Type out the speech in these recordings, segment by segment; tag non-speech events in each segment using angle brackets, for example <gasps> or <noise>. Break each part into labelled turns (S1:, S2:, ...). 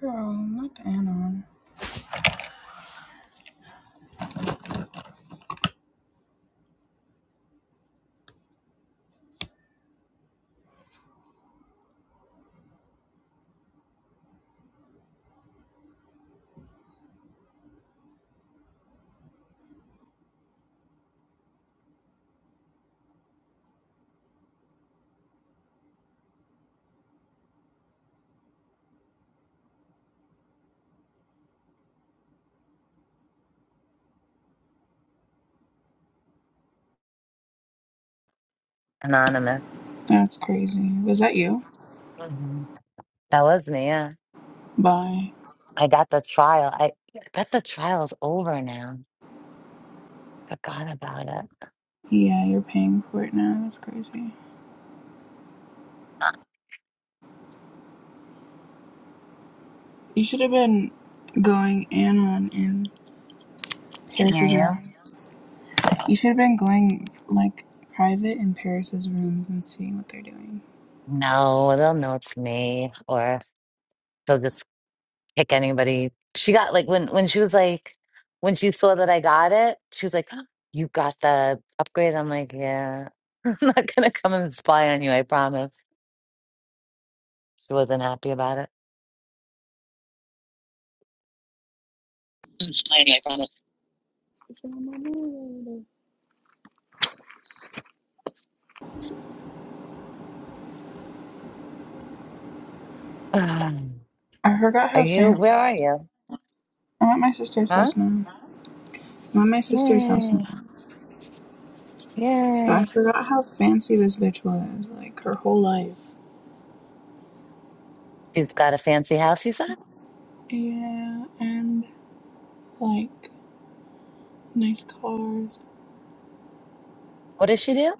S1: Girl, not the anon.
S2: Anonymous.
S1: That's crazy. Was that you?
S2: hmm That was me, yeah.
S1: Bye.
S2: I got the trial. I, I bet the trial's over now. Forgot about it.
S1: Yeah, you're paying for it now. That's crazy.
S2: I
S1: You should have been going anon in
S2: can't hear
S1: Paris's
S2: you.
S1: room. You should have been going like private in Paris's rooms and seeing what they're doing.
S2: No, they'll know it's me, or they'll just pick anybody. She got like when when she was like when she saw that I got it, she was like, <gasps> "Oh, "You got the upgrade." I'm like, "Yeah, <laughs> I'm not gonna come and spy on you. I promise." She wasn't happy about it.
S1: I'm I promise.
S2: <sighs> Um,
S1: I forgot
S2: Are
S1: how
S2: you?
S1: fancy.
S2: Where are you?
S1: I'm at my sister's
S2: Huh?
S1: house now. I'm at my sister's house now.
S2: Yay! Yay!
S1: But I forgot how fancy this bitch was, like her whole life.
S2: She's got a fancy house, you said?
S1: Yeah, and like nice cars.
S2: What does she do?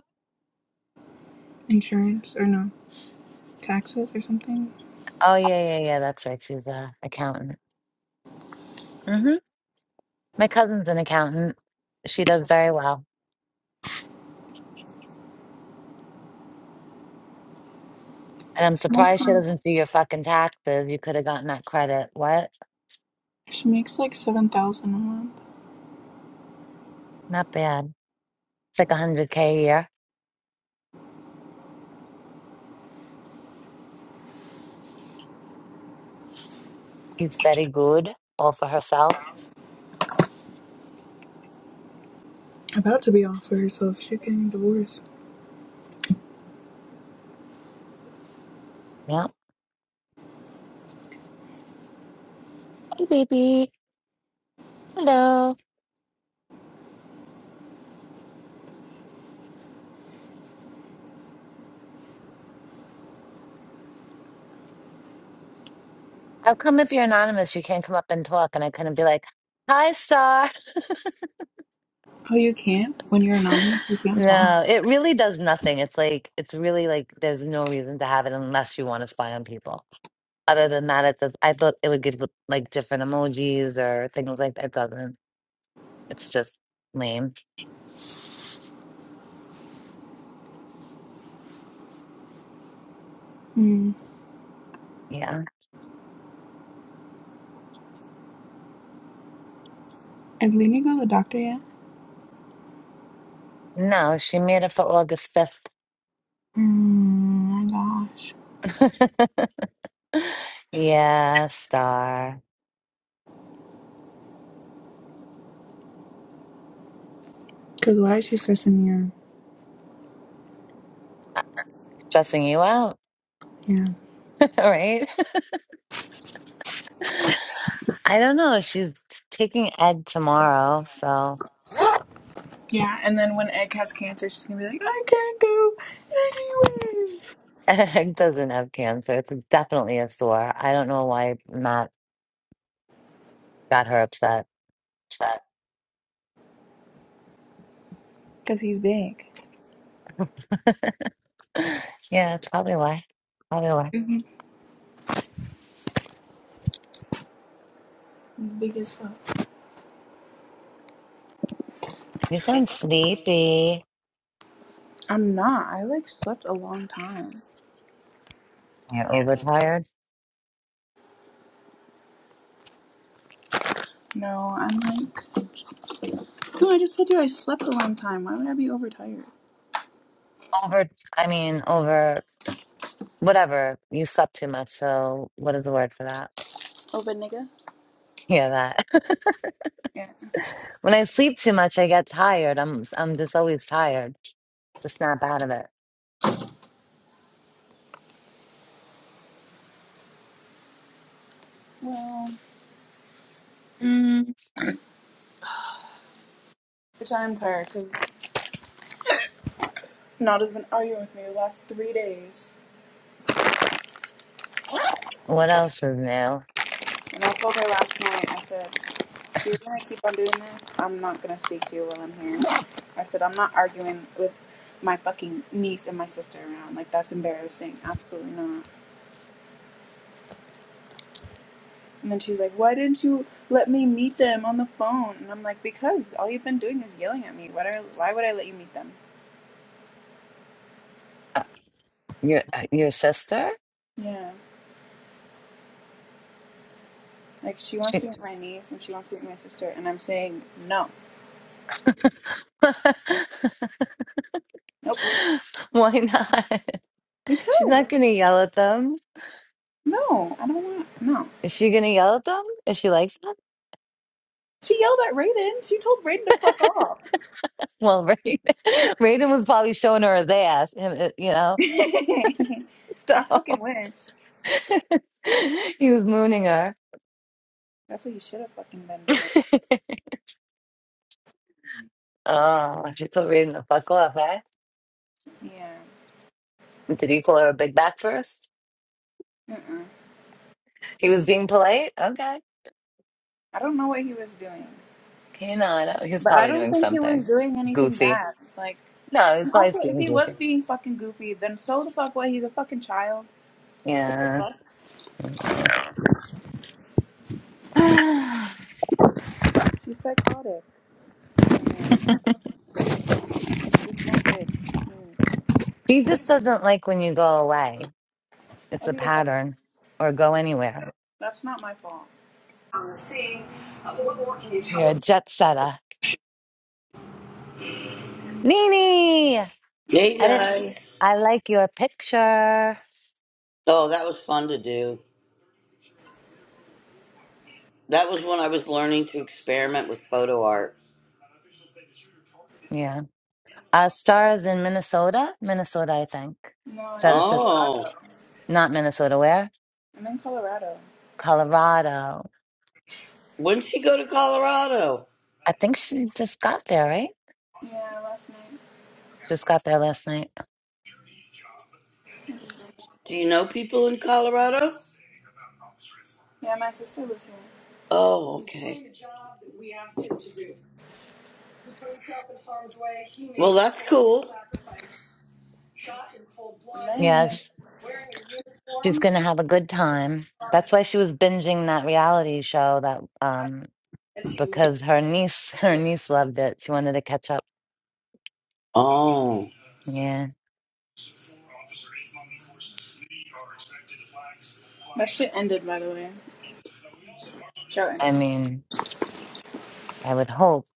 S1: insurance or no taxes or something.
S2: Oh, yeah, yeah, yeah. That's right. She's a accountant. hmm My cousin's an accountant. She does very well. And I'm
S1: makes
S2: surprised she
S1: like
S2: doesn't do your fucking taxes. You could have gotten that credit. What?
S1: she makes like seven thousand a month.
S2: Not bad. It's like 100K a year. He's very good, all for herself.
S1: About to be off for herself. She's getting divorced.
S2: Yeah. Hey, baby. Hello. How come if you're anonymous, you can't come up and talk? And I couldn't be like, hi, sir.
S1: Oh, you can't when you're anonymous. You can't talk.
S2: No, it really does nothing. It's like it's really like there's no reason to have it unless you want to spy on people. Other than that, it does. I thought it would give like different emojis or things like that. It doesn't. It's just lame.
S1: Hmm.
S2: Yeah.
S1: Did Lena go to the doctor yet?
S2: No, she made it for August 5th.
S1: Hmm. My gosh.
S2: <laughs> Yeah, star.
S1: Cause why is she stressing me out?
S2: Not Stressing you out,
S1: Yeah.
S2: <laughs> right? <laughs> I don't know. She's taking Ed tomorrow, so.
S1: Yeah, and then when Egg has cancer, she's gonna be like, I can't go anywhere.
S2: <laughs> Egg doesn't have cancer. It's definitely a sore. I don't know why Matt got her upset.
S3: That.
S1: Cause he's big.
S2: <laughs> yeah, it's probably why. Probably why.
S1: hmm He's big as fuck.
S2: You sound sleepy.
S1: I'm not. I like slept a long time.
S2: You're overtired.
S1: No, I'm like. No, I just told you I slept a long time. Why would I be overtired?
S2: Over, I mean, over, whatever. You slept too much. So, what is the word for that?
S1: Oh, but nigga?
S2: Yeah, that.
S1: Yeah.
S2: <laughs> when I sleep too much, I get tired. I'm, I'm just always tired to snap out of it.
S1: Well,
S2: Mm.
S1: bitch, I'm tired because Nada's been arguing with me the last three days.
S2: What else is new?
S1: And I told her last night, I said, if you're going to keep on doing this, I'm not going to speak to you while I'm here. I said, I'm not arguing with my fucking niece and my sister around. Like, that's embarrassing. Absolutely not. And then she's like, why didn't you let me meet them on the phone? And I'm like, because all you've been doing is yelling at me. Why, do I, why would I let you meet them?
S2: Uh, Your, uh, your sister?
S1: Yeah. Like she wants
S2: She.
S1: to meet my niece and she wants to meet my sister, and I'm saying no,
S2: <laughs>
S1: nope,
S2: <laughs> Why not? <laughs> She's
S1: because
S2: not gonna yell at them.
S1: no, I don't want no.
S2: Is she gonna yell at them? Is she like that?
S1: She yelled at Raiden. She told Raiden to fuck off.
S2: Well, Raiden, <laughs> Raiden was probably showing her his ass, and it- you know,
S1: <laughs>
S2: <laughs> so
S1: I fucking wish.
S2: <laughs> he was mooning her. <laughs>
S1: That's what he should have fucking been doing.
S2: Oh, she told Raiden to fuck off, eh?
S1: Yeah.
S2: Did he call her a big back first?
S1: Mm-mm.
S2: He was being polite. Okay,
S1: I don't know what he was doing,
S2: you know, I know. he was
S1: but I
S2: probably
S1: don't
S2: doing
S1: think he was
S2: something
S1: doing anything
S2: goofy.
S1: bad. Like,
S2: No, he was
S1: and
S2: probably
S1: also if
S2: being
S1: he was
S2: goofy.
S1: being fucking goofy, then so the fuck what? He's a fucking child. What The
S2: Yeah,
S1: fuck?
S2: you know. <sighs>
S1: He's psychotic. He's not good.
S2: She just doesn't like when you go away. It's a
S1: Okay, well,
S2: pattern or go anywhere.
S1: that's not my fault.
S2: You're a jet setter. Nini, I didn't, I like your picture.
S4: That's when I was learning to experiment with photo art.
S2: Yeah. Uh, stars in Minnesota, Minnesota, I think.
S1: No, I'm
S2: That
S1: in
S2: is a,
S1: Colorado.
S4: Oh,
S2: not Minnesota, where?
S1: I'm in Colorado.
S2: Colorado.
S4: when she go to Colorado?
S2: I think she just got there, right?
S1: Yeah, last night.
S2: Just got there last night.
S1: It was a-
S4: Do you know people in Colorado?
S1: Yeah, my sister lives here.
S4: Oh,
S2: Yeah,
S1: Man,
S2: sh- she's going to have a good time. That's why she was binging that reality show that, um, because her niece, <laughs> her niece loved it. She wanted to catch up.
S4: oh,
S2: Yeah.
S1: that shit ended, by the way. Show
S2: I
S1: ended.
S2: mean, I would hope,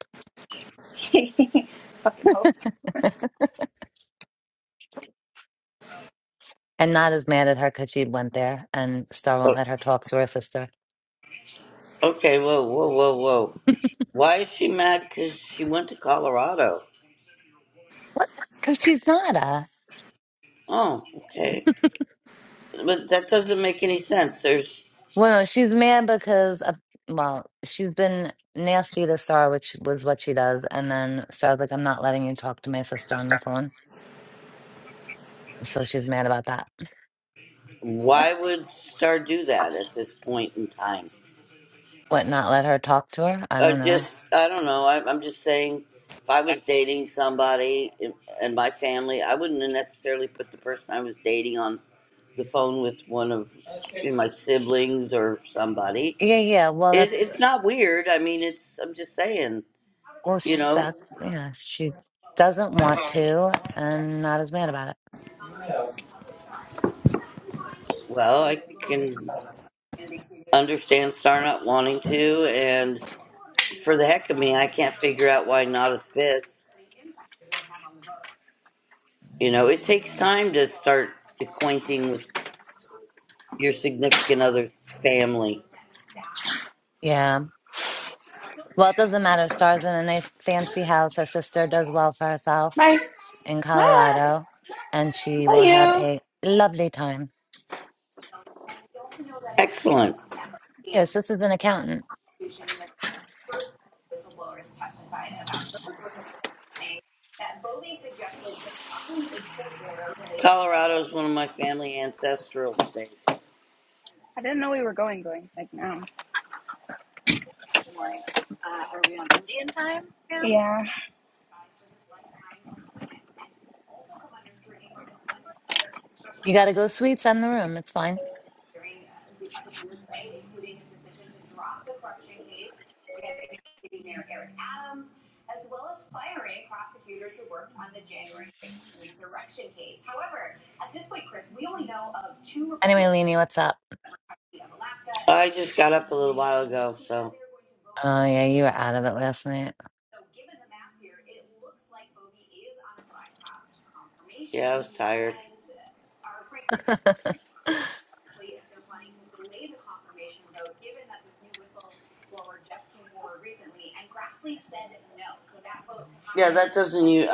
S1: <laughs> Fucking hopes.
S2: and not as mad at her because she went there and Star won't
S4: O-
S2: let her talk to her sister.
S4: okay. Whoa, whoa, whoa, whoa. Why is she mad? Because she went to Colorado.
S2: What? Because she's not a.
S4: Oh, okay. But that doesn't make any sense. There's
S2: Well, she's mad because, uh, well, she's been nasty to Star, which was what she does. And then Star's like, I'm not letting you talk to my sister on the phone. So she's mad about that.
S1: Yep.
S4: why would Star do that at this point in time?
S2: What, not let her talk to her? I
S4: Uh,
S2: don't know.
S4: just, I don't know. I, I'm just saying, if I was
S1: I
S4: dating somebody in- and my family, I wouldn't have necessarily put the person I was dating on the phone with one of you know, my siblings or somebody.
S2: Yeah, yeah. Well,
S4: It,
S2: that's,
S4: it's not weird. I mean, it's, I'm just saying,
S2: well, sh that, yeah, she doesn't want to and not as mad about it.
S4: well, I understand Star not wanting to, and for the heck of me, I can't figure out why not is pissed. You know, it takes time to start acquainting with your significant other family.
S2: Yeah. Well, it doesn't matter. Star's in a nice fancy house. Her sister does well for herself in Colorado, and she will have a lovely time. Your sister's an accountant.
S4: Colorado is one of my family ancestral states.
S1: didn't know we were going, going like now. Yeah, yeah
S2: You got to go sweets on the room. It's fine. Anyway, Leni, what's up?
S4: Just got
S2: Oh, yeah, you were out of it last night. <laughs>
S4: Doesn't you?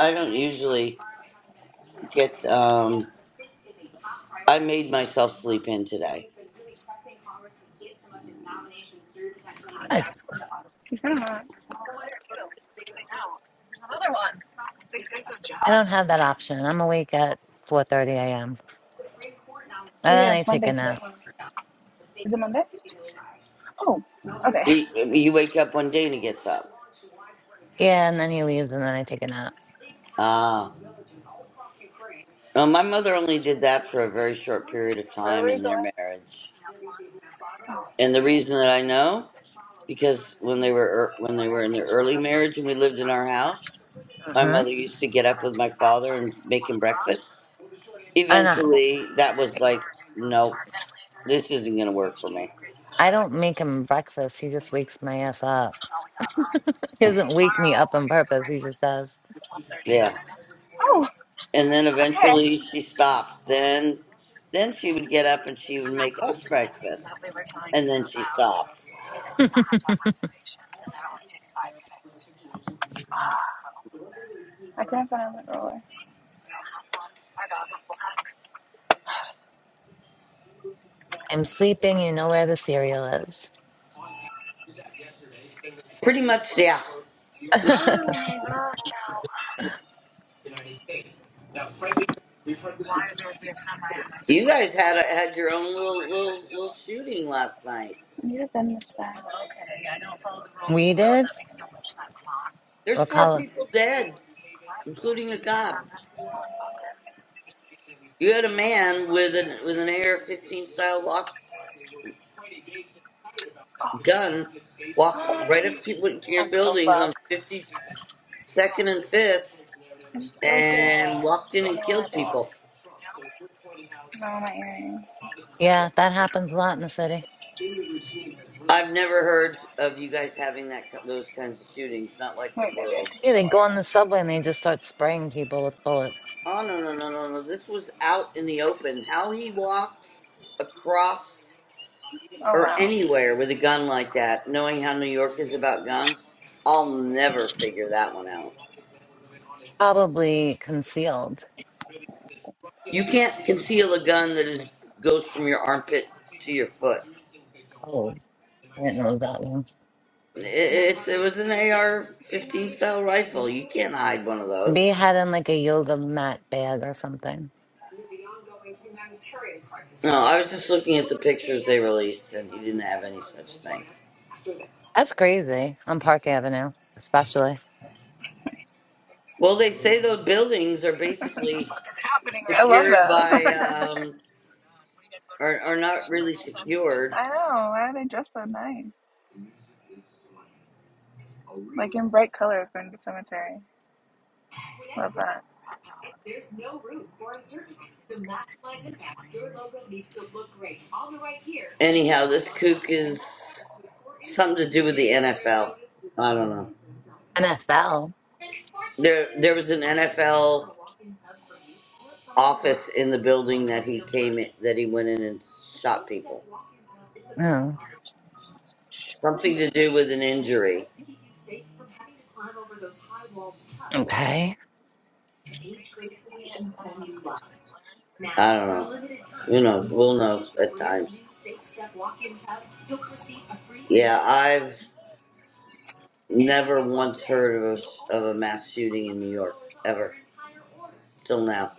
S4: been to
S2: Good.
S1: it's kind of hot. These guys have
S2: I don't
S1: jobs.
S2: have that option. I'm awake at 4.30 a.m. And
S1: Oh yeah,
S2: then I
S1: it's
S2: take
S1: Monday
S2: a
S1: today.
S2: nap.
S1: Huh? Is it Monday? It's Tuesday. Oh, okay.
S4: You, you wake up one day and it gets up.
S2: Yeah, and then he leaves, and then I take a nap.
S4: Ah, no, my mother only did that for a very short period of
S1: Where are
S4: time
S1: we
S4: in their
S1: going?
S4: marriage. And the reason that I know, because when they were er, when they were in their early marriage and we lived in our house, my
S2: hmm
S4: mother used to get up with my father and make him breakfast.
S2: And I,
S4: Eventually, that was like, nope, this isn't going to work for me.
S2: I don't make him breakfast. He just wakes my ass up. <laughs> He doesn't wake me up on purpose. He just does.
S4: Yeah. and then eventually she stopped. Then, then she would get up and she would make us breakfast, and then she stopped.
S2: <laughs>
S1: I can't find my roller.
S2: I'm sleeping, you know where the cereal is.
S4: Pretty much, yeah.
S2: <laughs>
S4: You guys had a, had your own little little little shooting last night.
S1: I need to bend this back.
S2: We did?
S4: There's
S2: We'll
S4: four
S2: call him.
S4: people dead, including a cop. You had a man with an with an AR-15 style lock, gun walk right up to people- to your
S1: I'm so
S4: buildings on
S1: fucked.
S4: 52nd and 5th,
S1: I'm
S4: and walked in
S1: so-
S4: and killed people.
S1: no. Wait,
S2: Yeah, that happens a lot in the city.
S4: I've never heard of you guys having that ki- those kinds of shootings. Not like the
S1: maybe I
S4: world.
S1: can
S2: Yeah,
S1: still
S2: they go on
S1: wear it.
S2: the subway and they just start spraying people with bullets.
S4: Oh no no no no no! This was out in the open. How he walked across
S1: Oh
S4: or
S1: wow,
S4: anywhere with a gun like that, knowing how New York is about guns, I'll never figure that one out.
S2: Probably concealed.
S4: You can't conceal a gun that is goes from your armpit to your foot.
S2: Oh, I didn't know that one.
S4: It, it's it was an AR-15 style rifle. You can't hide one of
S2: Be
S4: those.
S2: had in like a yoga mat bag or something.
S4: No, I was just looking police, and have any.
S2: That's crazy on Park Avenue, especially.
S4: Well, they say those buildings are basically secured by, um, are, are not really secured.
S1: nice. Like in bright colors going to the cemetery. Love that.
S4: Anyhow, this, I don't know.
S2: NFL.
S4: There, there was an in the building that he came in, that he went in and shot.
S2: Oh,
S4: Something to do with an injury.
S2: okay.
S4: Who knows? Well, yeah, I've never once heard of a, s- of a mass shooting in New York till now.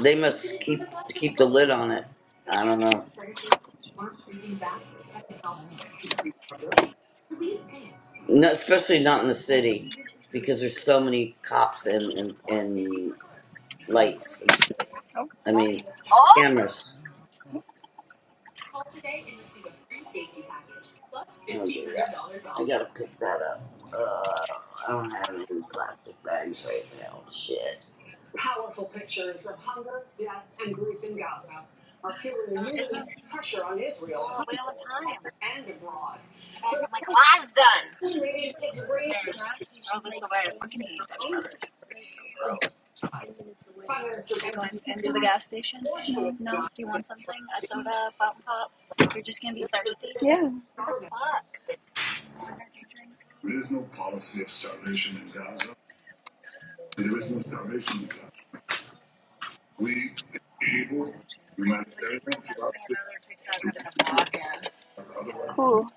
S4: They must keep, keep the lid on it. I don't know. No, especially not in the city because there's so many cops and, and, and lights and shit. I mean, cameras. I don't do that. I gotta pick that up. Uh, I don't have any plastic bags right now. Shit.
S1: Yeah, cool.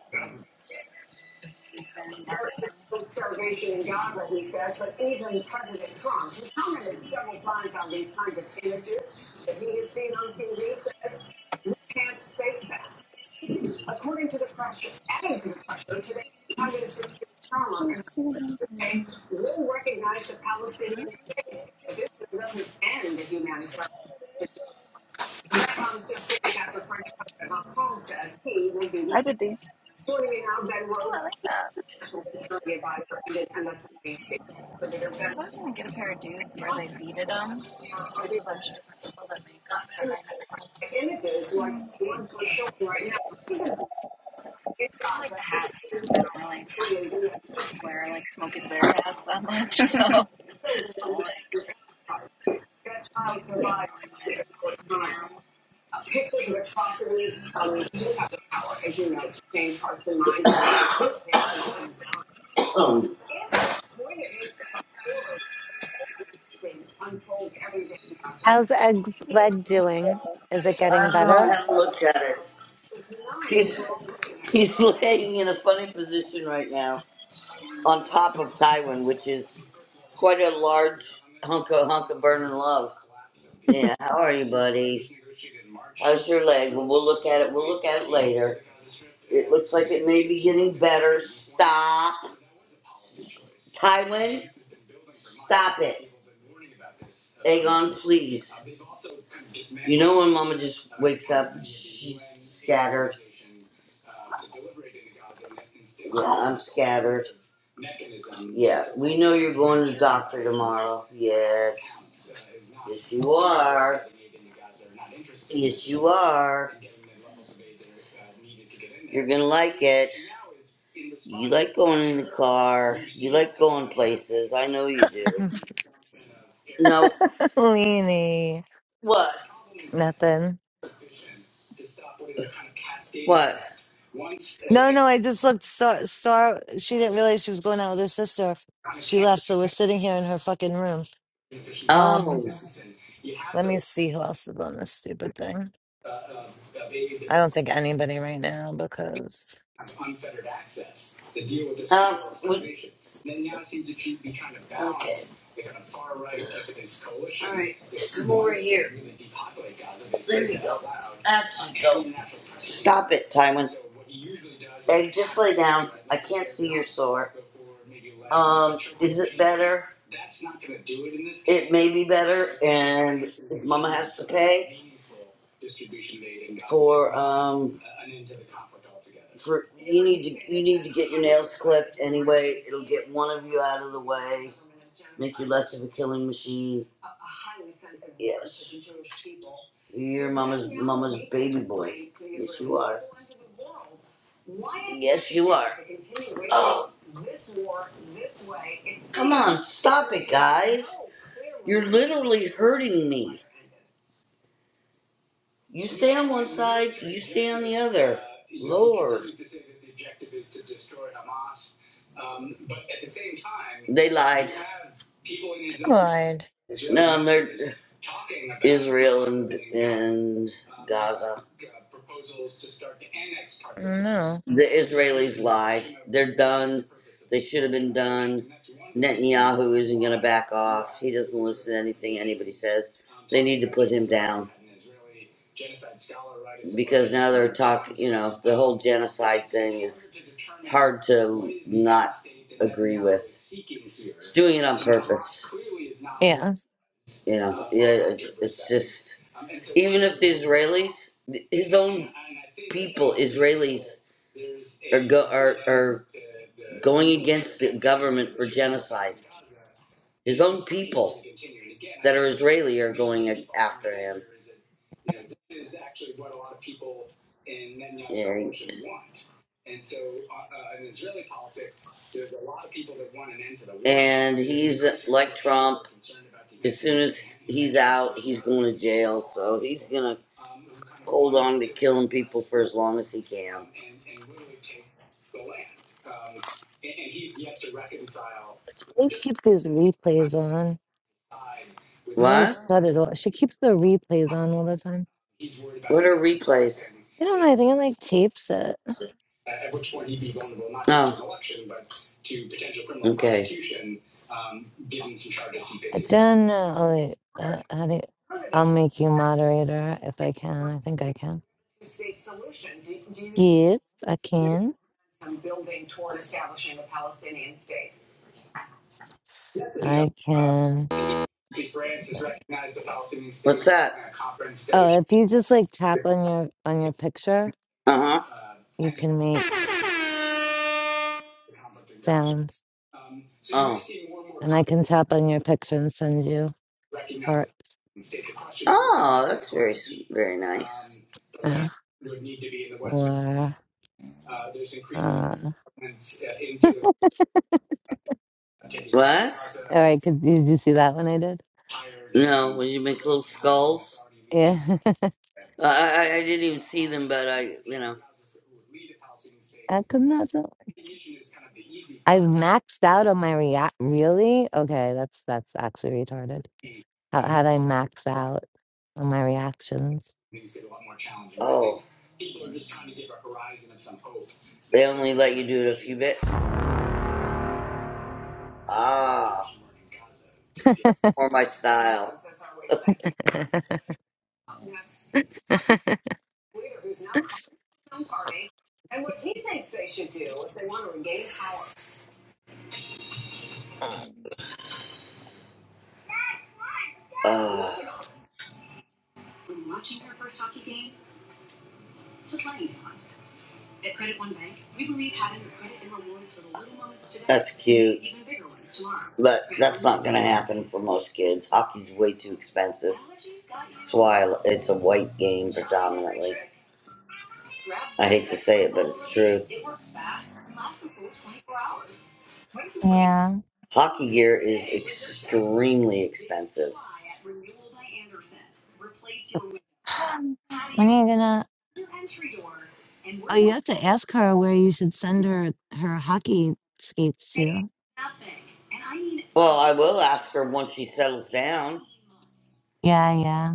S1: I did these.
S4: Um,
S2: How's Egg's leg doing? Is it
S4: I
S2: getting
S4: don't know.
S2: better?
S4: I haven't looked at it. He's <laughs> he's laying in a funny position right now on top of Tywin, which is quite a large hunk of hunk of burning love. Yeah. How are you, buddy? How's your leg? Well, we'll look at it. We'll look at it later. It looks like it may be getting better. Stop, Tywin. Stop it. Hang on, please. You know when Mama just doctor tomorrow? Yes. Yes, you are. Yes, you are. You're gonna like it. You like going in the car. You like going places. I know you
S2: <laughs>
S4: do. No.
S2: Leanie.
S4: What?
S2: Nothing. No, no, I just looked. Star, Star, she didn't realize she was going out with her sister. She left, so we're sitting here in her fucking room. Um,
S4: Oh,
S2: let me see who else is on this stupid thing. I don't think anybody right now because
S4: that's stop it. Time better and um, for clip get one of you out of less of a killing machine. You're you
S2: I lied.
S4: and
S2: No.
S4: the Israel done who is back on. anything anybody says. The whole genocide, doing
S2: Yeah.
S4: you know, he's going to jail, so he's gonna for as long as he can.
S2: They keep these replays on. How do I
S4: Uh
S2: shut it off? She keeps the replays on all the time. I don't know. I think it like tapes it. I don't know. Oh, wait, uh, how do you- I'll make you moderator if I can. I think I can. Yes, I can. I can. Oh, if you just like tap on your on your picture,
S4: huh.
S2: you can make sounds, and I can tap on your picture and send you heart,
S4: Very nice.
S2: uh, or uh, or I could. Did you see that one I did? Yeah,
S4: Uh, I, I I didn't even.
S2: <laughs> I could not. tell. I've maxed out on my react. Really? Okay, that's that's actually retarded. How had I maxed out on my reactions?
S4: They only like ah
S2: <laughs>
S4: for my style. Ah, cute. Happen for most kids. Hockey's way too expensive. That's why I li- it's a white game. But
S2: yeah.
S4: hockey gear is extremely expensive.
S2: <sighs> When are you gonna? Oh, you have to ask her where you should send her her hockey skates to.
S4: Well, I will ask her once she settles down.
S2: Yeah, yeah.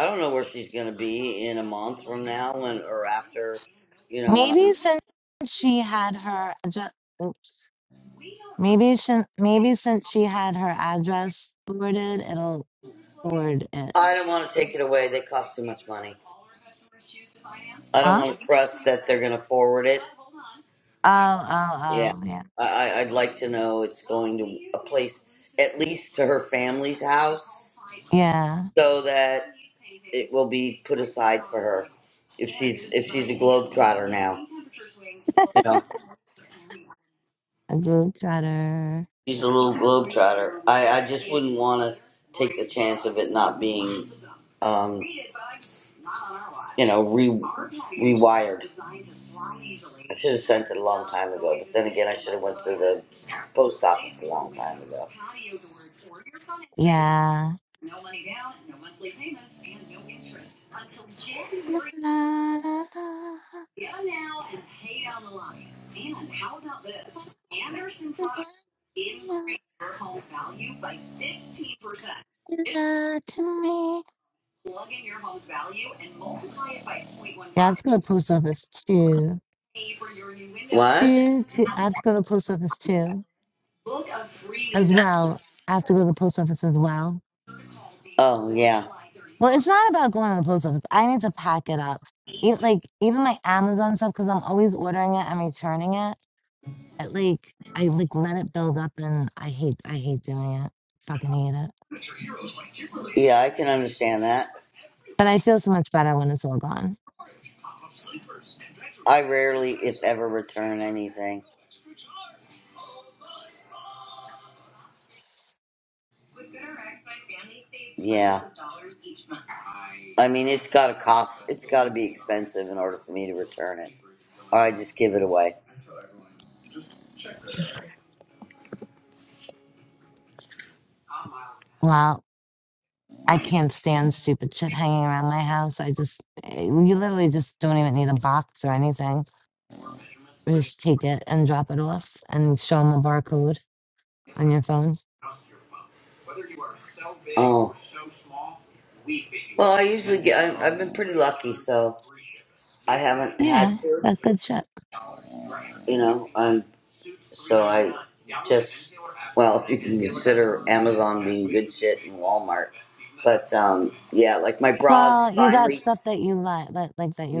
S4: I don't know where she's gonna be in a month from now, when or after. You know when I'm.
S2: Maybe since she had her address, oops. Maybe since maybe since she had her address forwarded, it'll forward it.
S4: I don't want to take it away. They cost too much. I don't
S2: Huh?
S4: want to trust that they're going to forward it.
S2: Oh, oh,
S4: Yeah.
S2: oh, yeah,
S4: I, I, I'd like to know it's at least to her family's house
S2: yeah.
S4: so that it will be, if
S2: A globetrotter.
S4: she's, um, you know, re post.
S2: Yeah. <laughs> La, la, la, la, la, la, la, to me. Yeah, let's go to the post office too. Two, two. I have to go to the post office too, as well. I have to go to the post office as well.
S4: Um,
S2: Well, it's not about going to the post office. I need to pack it up. Even, like even my Amazon stuff, because I'm always ordering it and returning it. It like I like let it build up, and I hate I hate doing it. Fucking hate it.
S4: yeah, I can understand that.
S2: But I feel so much better when it's all gone.
S4: I rarely, if ever, return anything. I mean, it's got to cost, it's got to be expensive in order for me to return it. Or I just give it away.
S2: Well, I can't stand stupid shit hanging around my house. I just eh, you literally just don't even need a box or anything. You just take it and drop it off and show them a barcode on your phone.
S4: Oh. Well, I usually get, I, I've been pretty lucky, so I haven't had
S2: Yeah,
S4: to,
S2: that's good shit.
S4: you know. I'm. So I just, well, if you can consider Amazon being good shit and Walmart. But um, yeah, like my bras
S2: Well, you got
S4: finally
S2: stuff that you like, that like that you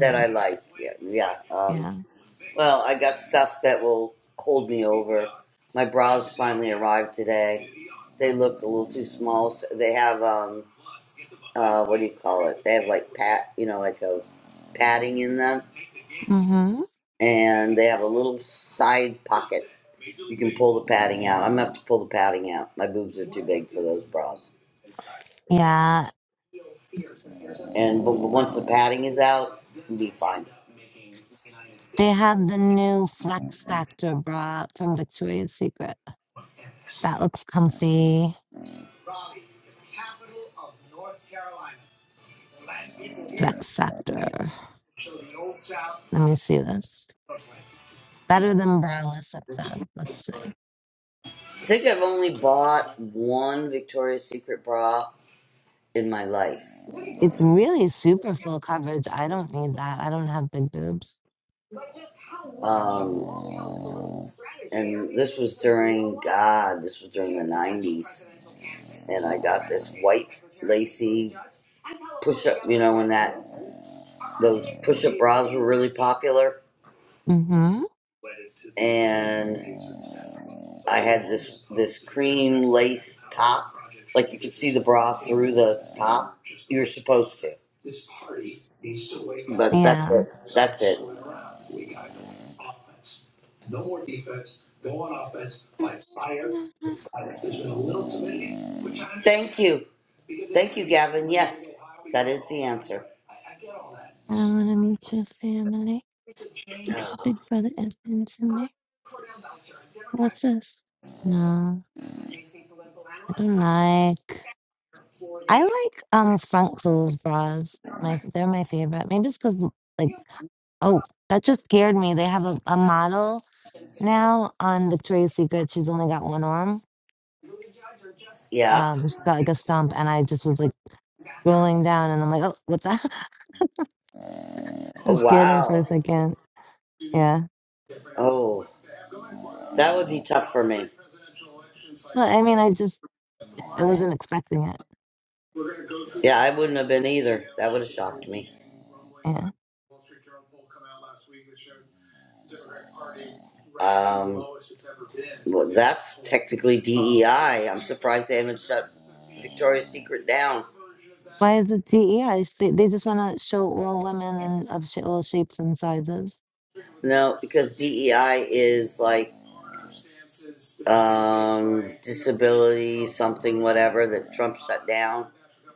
S4: that I like. Yeah, yeah. Um,
S2: Yeah.
S4: well, I got stuff that will hold me over. My bras finally arrived today. They look a little too small. So they have um, uh, what do you call it? They have like pat, you know, like a padding in them,
S2: Mm-hmm.
S4: and they have a little side pocket You can pull the padding out. I'm gonna have to pull the padding out. My boobs are too big for those bras.
S2: Yeah.
S4: And but once the padding is out, it'll be fine.
S2: They have the new Flex Factor bra from Victoria's Secret. That looks comfy. Flex Factor. Let me see this. Better than braless, it says. Let's see.
S4: I think I've only bought one Victoria's Secret bra in my life.
S2: It's really super full coverage. I don't need that. I don't have big boobs.
S4: Ah, this was during, and I got this white lacy. You know when that those push-up bras were really popular.
S2: Mm-hmm.
S4: You're supposed to. That's
S2: Yeah.
S4: it.
S2: <laughs> I
S4: Thank you.
S2: don't want to meet your family. It's Big Brother influence in me. What's this? No, I don't like. I like um front clothes bras. My they're my favorite. Maybe it's because like oh that just scared me. They have a, a model now on Victoria's Secret. She's only got one arm.
S4: Yeah.
S2: Um, she's got like a stump, and I just was like scrolling down, and I'm like, oh, what's that? <laughs> It
S4: Oh,
S2: scared me for
S4: wow.
S2: a second. Yeah.
S4: Oh, that would be tough for me.
S2: Well, I mean, I just I wasn't expecting it.
S4: Yeah, I wouldn't have been either. That would have shocked me.
S2: Yeah.
S4: Um, well, that's technically DEI. I'm surprised they haven't shut Victoria's Secret down.
S2: Why is it DEI? Sh- They, they just want to show all women and of sh- all shapes and sizes.
S4: No, because DEI is like um, disability, something, whatever that Trump shut down.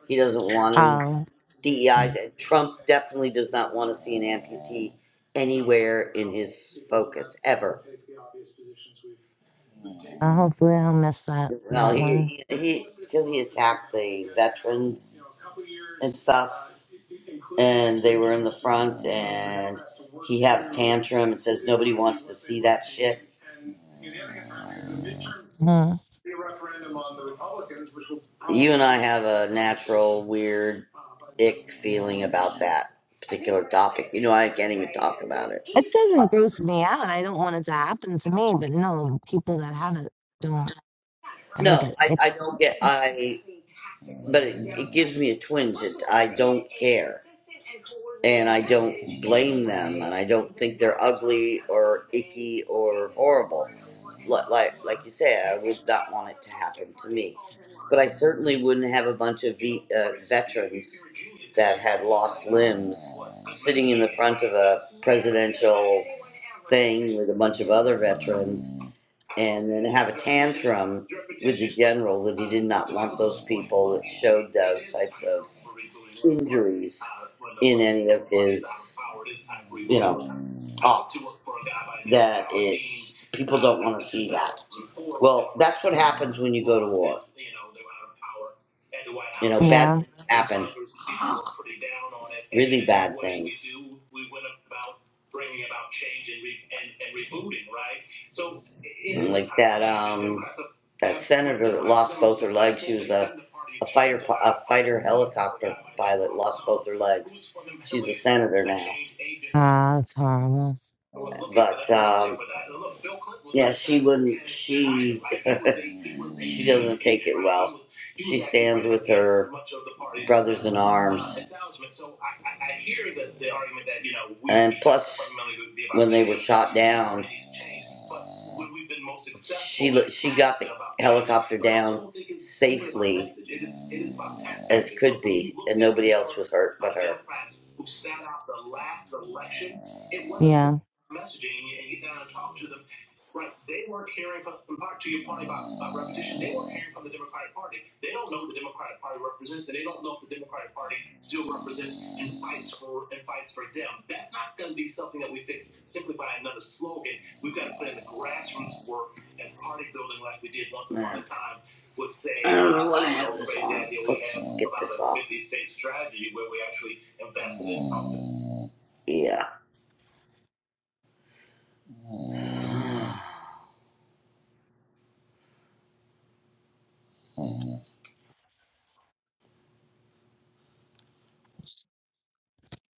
S4: He doesn't want any
S2: Oh, mm.
S4: DEIs. Trump definitely does not want to see an amputee anywhere in his focus ever.
S2: uh, hopefully I'll miss that
S4: Well,
S2: that one.
S4: he he because he, 'cause he attacked the veterans and stuff. and they were in the front and he had a tantrum and says nobody wants to see that shit.
S2: Mhm.
S4: You and I have a natural weird ick feeling about that. particular You know, I can't even talk about it.
S2: It doesn't gross me out. I don't want it to happen to me, but no, people that have it don't. I don't
S4: No,
S2: get
S4: I,
S2: it.
S4: I don't get I, but it, it gives me a twinge. It, I don't care. and I don't blame them, and I don't think they're ugly or icky or horrible. Li- Like like you say, I would not want it to happen to me, but I certainly wouldn't have a bunch of ve- uh, veterans that had lost limbs sitting in the front of a presidential thing with a bunch of other veterans, and then have um, general the people that carries people
S2: Yeah.
S4: with their legs, senator,
S2: Ah, it's horrible.
S4: an arm, doctor was hurt.
S2: Yeah.
S4: Yeah,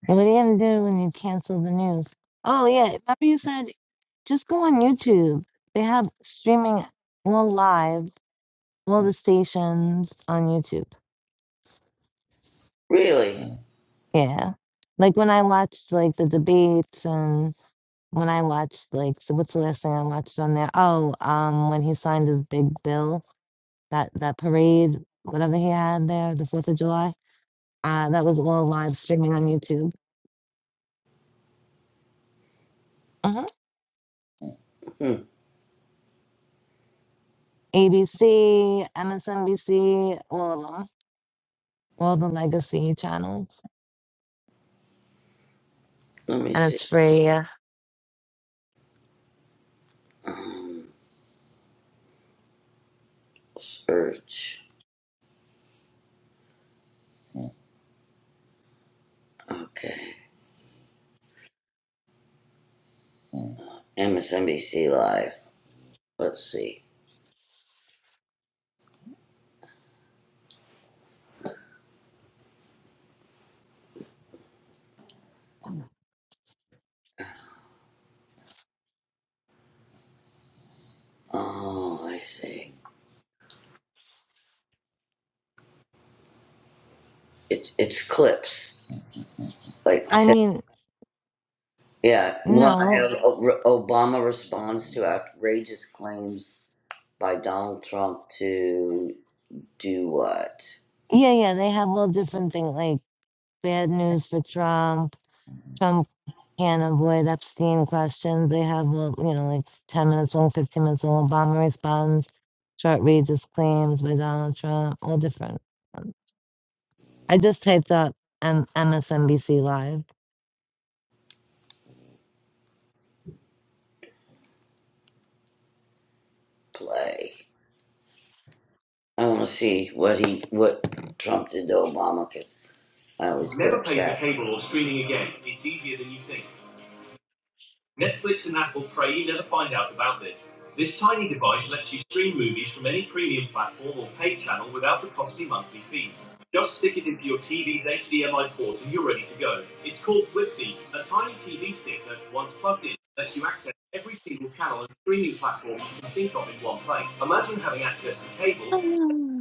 S2: And what are you gonna do when you cancel the news? Oh yeah, remember you said just go on YouTube. They have streaming all live, all the stations on YouTube.
S4: really.
S2: Yeah. Like when I watched like the debates and when I watched like so what's the last thing I watched on there? Oh, um when he signed his big bill, that that parade, whatever he had there, the Fourth of July. Uh that was all live streaming on YouTube. Uh-huh.
S4: Hmm,
S2: ABC, MSNBC, all of them. All the legacy channels.
S4: let me
S2: And
S4: see.
S2: it's free. yeah.
S4: Um, search. Okay. MSNBC Live. Let's see. Oh, I see. It's it's clips. Like
S2: I
S4: ten,
S2: mean,
S4: yeah, one I
S2: no.
S4: have O- Obama responds to outrageous claims by Donald Trump to do what?
S2: Yeah, yeah, they have all different things like bad news for Trump, Trump, can avoid Epstein questions. They have, well, you know, like 10 minutes long, 15 minutes long. Obama responds, short Regis claims by Donald Trump, all different. Um, I just typed up M- MSNBC Live.
S4: Play. I want to see what he what Trump did to Obama because I was
S2: Oh,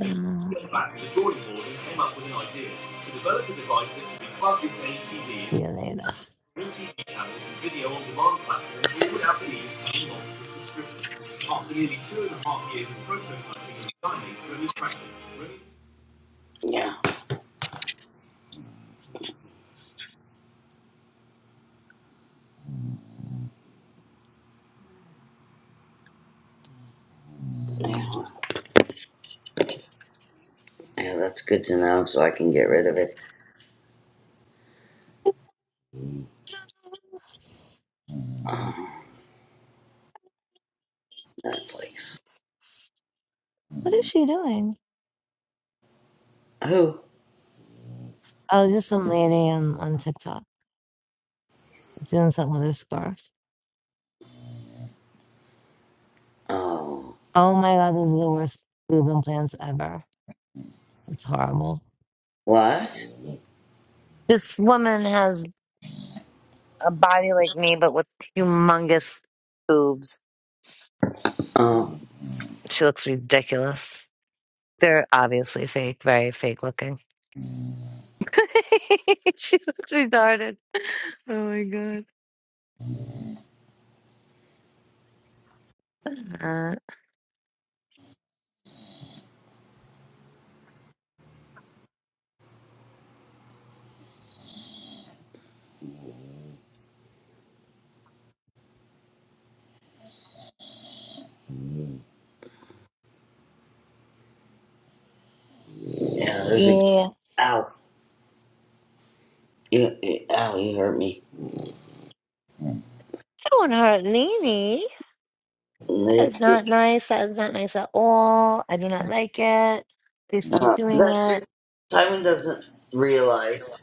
S2: uh, see you later.
S4: yeah yeah yeah that's good to know so I can get rid of it. Uh, Netflix.
S2: What is she doing?
S4: Who?
S2: Oh, just some lady on, on TikTok doing something with her scarf.
S4: Oh, um,
S2: Oh my God, those are the worst boob implants ever. It's horrible.
S4: what?
S2: This woman has a body like me, but with humongous boobs.
S4: Oh,
S2: She looks ridiculous. They're obviously fake, very fake looking. <laughs> she looks retarded. Oh my god. Uh,
S4: yeah. There's a. game.
S2: yeah.
S4: Ow! You, you, ow! You hurt me.
S2: Don't hurt Nene.
S4: Uh,
S2: That's not nice. That is not nice at all. I do not like it. Please stop doing
S4: that's just-
S2: it.
S4: Simon doesn't realize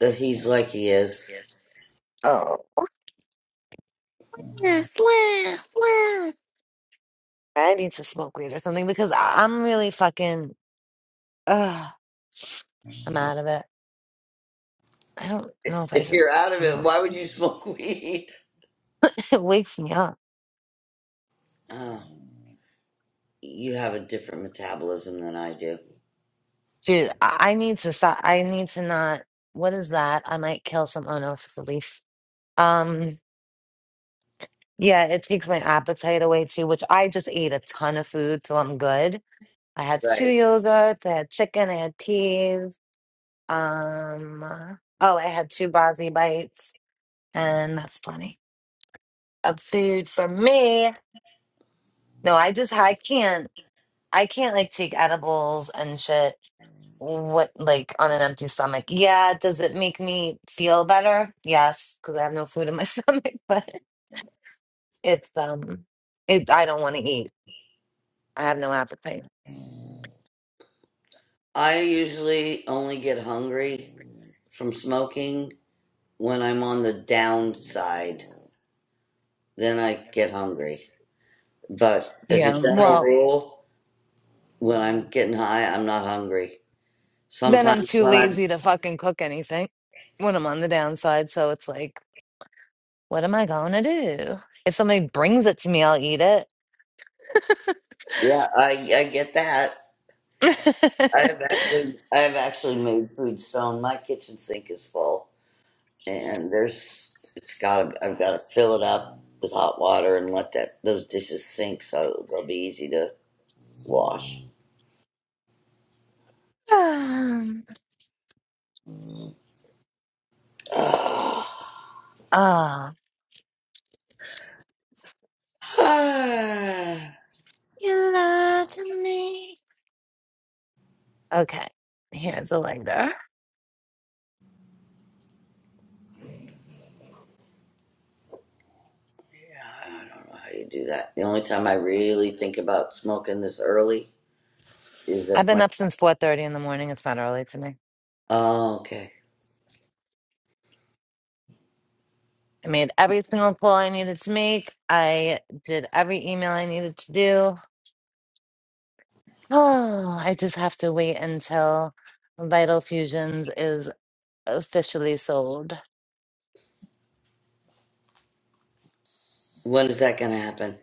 S4: that he's like he is.
S2: Oh. Yeah, flan, flan. I need to smoke weed or something because I- I'm really fucking. Ugh, I'm out of it. I don't know if I
S4: If
S2: should.
S4: you're
S2: s-
S4: out of it,
S2: <laughs>
S4: why would you <laughs> smoke weed?
S2: It wakes me up,
S4: Oh, you have a different metabolism than I do.
S2: dude. I, I need to stop. I need to not. What is that? I might kill someone else with a leaf. Um, yeah, it takes my appetite away too, which I just ate a ton of food, so I'm good. I had two
S4: Right.
S2: yogurts, I had chicken, I had peas. Um, oh, I had two Bosnie bites, and that's plenty of food for me. No, I just I can't. I can't like take edibles and shit. What, like on an empty stomach? Yeah, does it make me feel better? Yes, because I have no food in my <laughs> stomach, but it's um it I don't want to eat. I have no appetite.
S4: I usually only get hungry from smoking when I'm on the downside. Then I get hungry. But as a
S2: Yeah,
S4: general
S2: well,
S4: rule, when I'm getting high, I'm not hungry.
S2: then I'm
S4: Sometimes
S2: too
S4: when I'm
S2: lazy to fucking cook anything when I'm on the downside, so it's like, what am I gonna do? If somebody brings it to me, I'll eat it.
S4: yeah, I I get that.
S2: <laughs>
S4: I've actually I've actually made food stone. My kitchen sink is full, and there's it's got to I've got to fill it up with hot water and let that those dishes sink so they'll be easy to wash.
S2: Um,
S4: <sighs> Ah.
S2: Ah,
S4: Ah.
S2: you love me. Okay, here's a lighter.
S4: Yeah, I don't know how you do that. The only time I really think about smoking this early is
S2: I've
S4: if
S2: been up since 4:30 in the morning. It's not early to me.
S4: Oh, okay.
S2: I made every single call I needed to make. I did every email I needed to do. <sighs> Oh, I just have to wait until Vital Fusions is officially sold.
S4: When is that going to happen?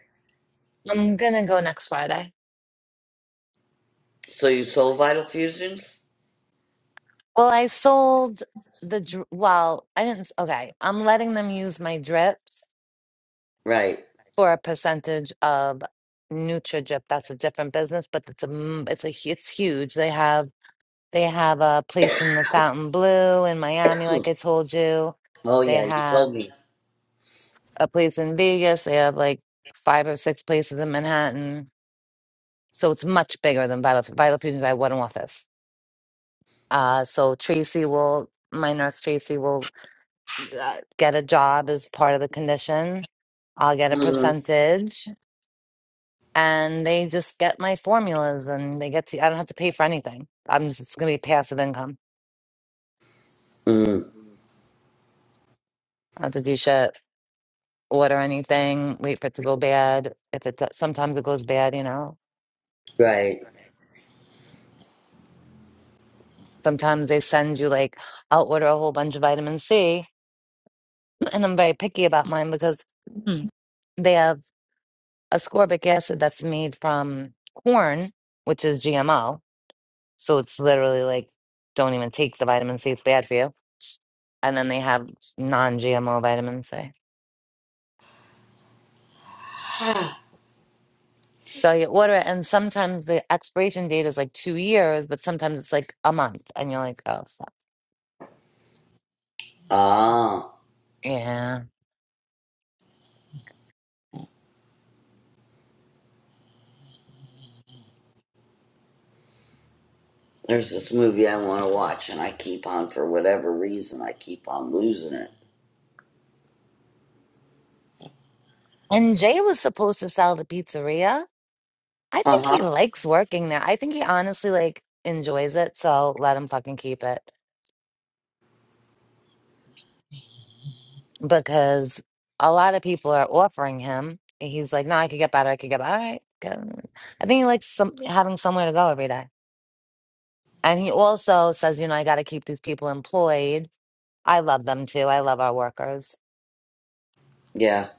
S2: I'm gonna go next Friday.
S4: So you sold Vital Fusions?
S2: Well, I sold the dr- well, I didn't s- okay. I'm letting them use my drips
S4: Right.
S2: for a percentage of NutriDrip. That's a different business, but it's a m- it's a hu- it's huge. They have They have a place in the Fontainebleau in Miami, like I told you.
S4: Oh,
S2: They
S4: yeah, you
S2: have
S4: told me.
S2: a place in Vegas. They have like five or six places in Manhattan. So it's much bigger than Vital, Vital Fusions. I had one office. Uh, so Tracy will, my nurse Tracy will uh, get a job as part of the condition. I'll get a
S4: hmm
S2: percentage and they just get my formulas and they get to, I don't have to pay for anything. I'm just, it's going to be passive income.
S4: mm
S2: I don't have to do shit. order anything, wait for it to go bad. If it sometimes it goes bad, you know.
S4: Right.
S2: Sometimes they send you like I'll order a whole bunch of vitamin C, <clears throat> and I'm very picky about mine because <clears throat> they have ascorbic acid that's made from corn, which is GMO. So it's literally like don't even take the vitamin C; it's bad for you. And then they have non-GMO vitamin C. So you order it, and sometimes the expiration date is like two years, but sometimes it's like a month, and you're like, oh fuck.
S4: Ah,
S2: Yeah.
S4: there's this movie I want to watch, and I keep on, for whatever reason, I keep on losing it.
S2: And Jay was supposed to sell the pizzeria. I
S4: Uh
S2: think he
S4: huh.
S2: likes working there. I think he honestly like enjoys it, so let him fucking keep it. Because a lot of people are offering him. And he's like, no, I could get better. I could get better. All right. good." I think he likes some having somewhere to go every day. And he also says, you know, I got to keep these people employed. I love them too. I love our workers.
S4: Yeah.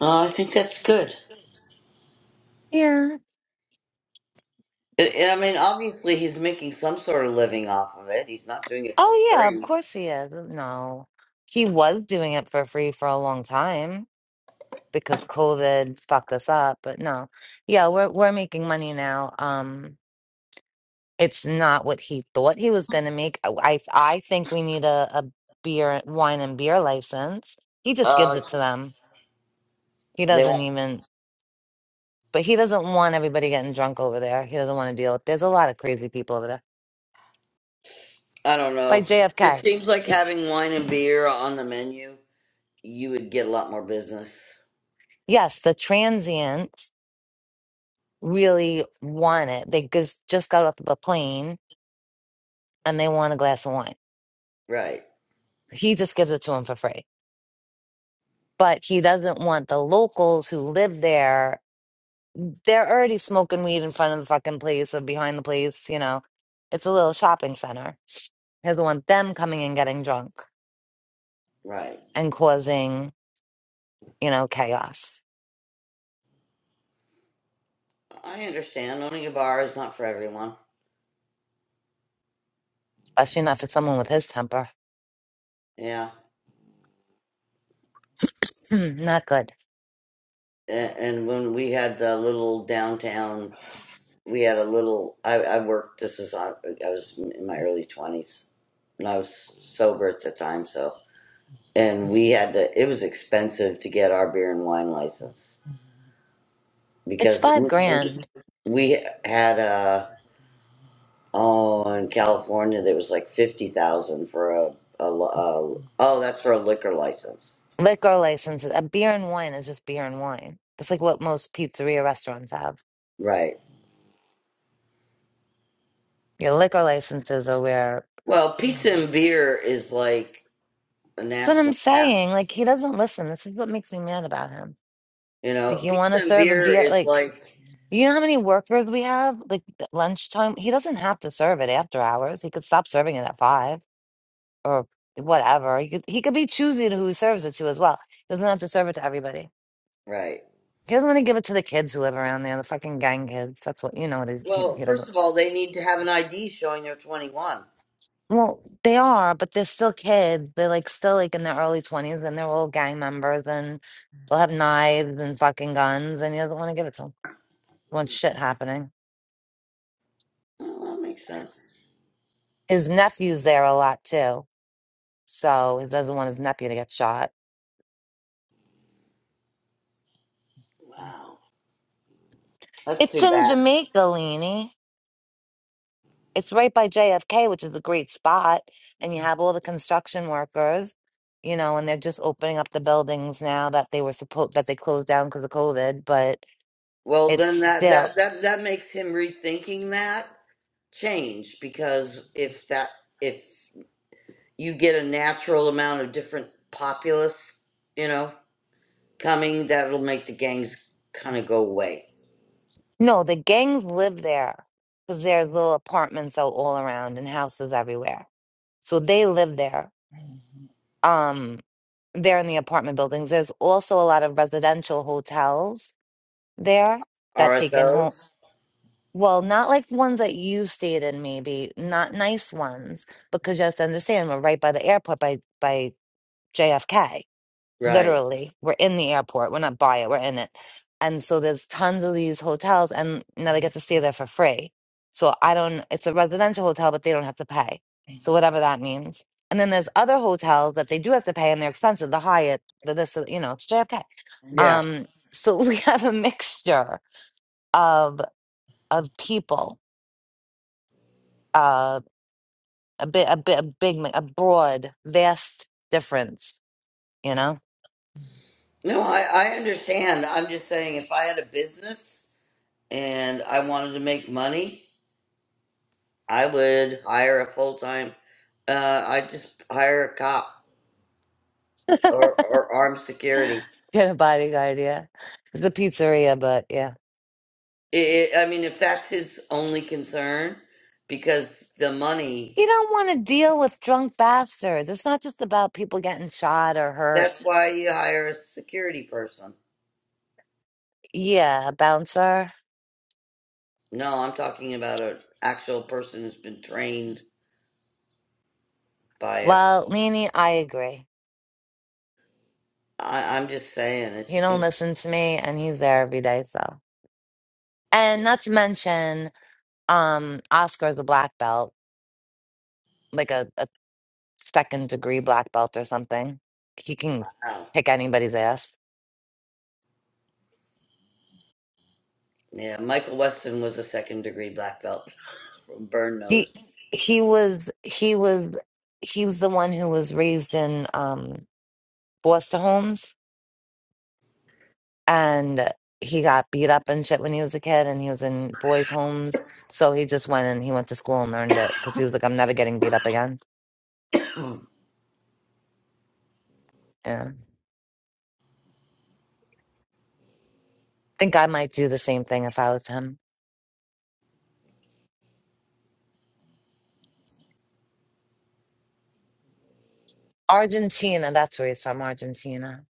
S4: Oh, I think that's good.
S2: Yeah.
S4: I I mean, obviously, he's making some sort of living off of it. He's not doing it for
S2: Oh yeah, of
S4: free.
S2: course he is. uh, No. He was doing it for free for a long time because COVID fucked us up, but no. Yeah, we're we're making money now. Um it's not what he thought he was going to make. I I I think we need a a beer wine and beer license. He just gives
S4: Uh,
S2: it to them. He
S4: they
S2: doesn't
S4: won't.
S2: even but he doesn't want everybody getting drunk over there. He doesn't want to deal with. There's a lot of crazy people over there.
S4: I don't
S2: By
S4: know. It just
S2: JFK.
S4: seems like having wine and beer on the menu. you would get a lot more business.
S2: Yes, the transients really want it. They just just got off the plane and they want a glass of wine.
S4: Right,
S2: He just gives it to them for free. But he doesn't want the locals who live there. They're already smoking weed in front of the fucking place or behind the place, you know. It's a little shopping center. He doesn't want them coming and getting drunk
S4: right.
S2: and causing, you know, chaos.
S4: I understand owning a bar is not for everyone.
S2: Especially not for someone with his temper. <clears throat>
S4: Yeah.
S2: Mm, not good.
S4: A- And when we had the little downtown, we had a little. I, I worked. This is I, I was in my early twenties, and I was sober at the time. So, and we had to. It was expensive to get our beer and wine license
S2: It's
S4: because
S2: five
S4: we
S2: grand.
S4: we had a Oh, in California, there was like fifty thousand for a, a, a. Oh, that's for a liquor license,
S2: Liquor licenses. A beer and wine is just beer and wine. It's like what most pizzeria restaurants have
S4: right?
S2: Your liquor licenses are where.
S4: Well, pizza and beer is like a
S2: That's what I'm
S4: national app.
S2: saying. Like he doesn't listen. This is what makes me mad about him.
S4: You
S2: Like
S4: know,
S2: you
S4: pizza
S2: want to
S4: and
S2: serve a
S4: beer
S2: beer.
S4: is
S2: Like
S4: like
S2: you know how many workers we have. Like at lunchtime, he doesn't have to serve it after hours. He could stop serving it at five or whatever. He could he could be choosy to who he serves it to as well. He doesn't have to serve it to everybody.
S4: right.
S2: He doesn't want to give it to the kids who live around there, the fucking gang kids. That's what you know. What he's, he,
S4: Well,
S2: he doesn't.
S4: first of all, they need to have an ID showing they're twenty-one.
S2: Well, they are, but they're still kids. They're like still like in their early twenties, and they're all gang members, and they'll have knives and fucking guns, and he doesn't want to give it to him. He Wants shit happening.
S4: Oh, that makes sense.
S2: His nephew's there a lot too, so he doesn't want his nephew to get shot.
S4: Wow, that's
S2: It's
S4: too
S2: in
S4: bad.
S2: Jamaica, Leanie. It's right by JFK, which is a great spot, and you have all the construction workers, you know, and they're just opening up the buildings now that they were supposed that they closed down because of COVID, but
S4: Well,
S2: it's
S4: then that
S2: still.
S4: that that that makes him rethinking that change because if that if you get a natural amount of different populace, you know, coming that'll make the gangs kind of go away.
S2: No, the gangs live there because there's little apartments out all around and houses everywhere. So they live there. Um, they're in the apartment buildings. There's also a lot of residential hotels there that take in home.
S4: RSOs?
S2: Well, not like ones that you stayed in, maybe not nice ones, because you have to understand we're right by the airport by by JFK.
S4: Right.
S2: literally we're in the airport we're not by it we're in it and so there's tons of these hotels and now they get to stay there for free so i don't it's a residential hotel but they don't have to pay so whatever that means and then there's other hotels that they do have to pay and they're expensive the hyatt the this the- you know it's jfk
S4: Yeah.
S2: um so <laughs> we have a mixture of of people uh a bit a bit a big mi- a broad vast difference you know
S4: No, I, I understand. I'm just saying if I had a business and I wanted to make money, I would hire a full time, uh, I'd just hire a cop or, or armed security.
S2: <laughs> get a body idea it's a pizzeria but yeah
S4: I I mean, if that's his only concern, because the money,
S2: You don't want to deal with drunk bastards. It's not just about people getting shot or hurt.
S4: that's why you hire a security person
S2: Yeah, bouncer.
S4: No, I'm talking about an actual person who's been trained by a.
S2: Well, Nini, I agree.
S4: I, I'm just saying, it
S2: He
S4: just
S2: don't
S4: seems.
S2: listen to me, and he's there every day. So, and not to mention, um, Oscar's a black belt, like a, a second degree black belt or something. He can
S4: Wow.
S2: kick anybody's ass.
S4: Yeah, Michael Weston was a second degree black belt <laughs> from Burn
S2: He
S4: Notice.
S2: he was he was he was the one who was raised in um foster homes and he got beat up and shit when he was a kid and he was in boys homes so he just went and he went to school and learned it because he was like i'm never getting beat up again yeah think i might do the same thing if i was him argentina that's where he's from argentina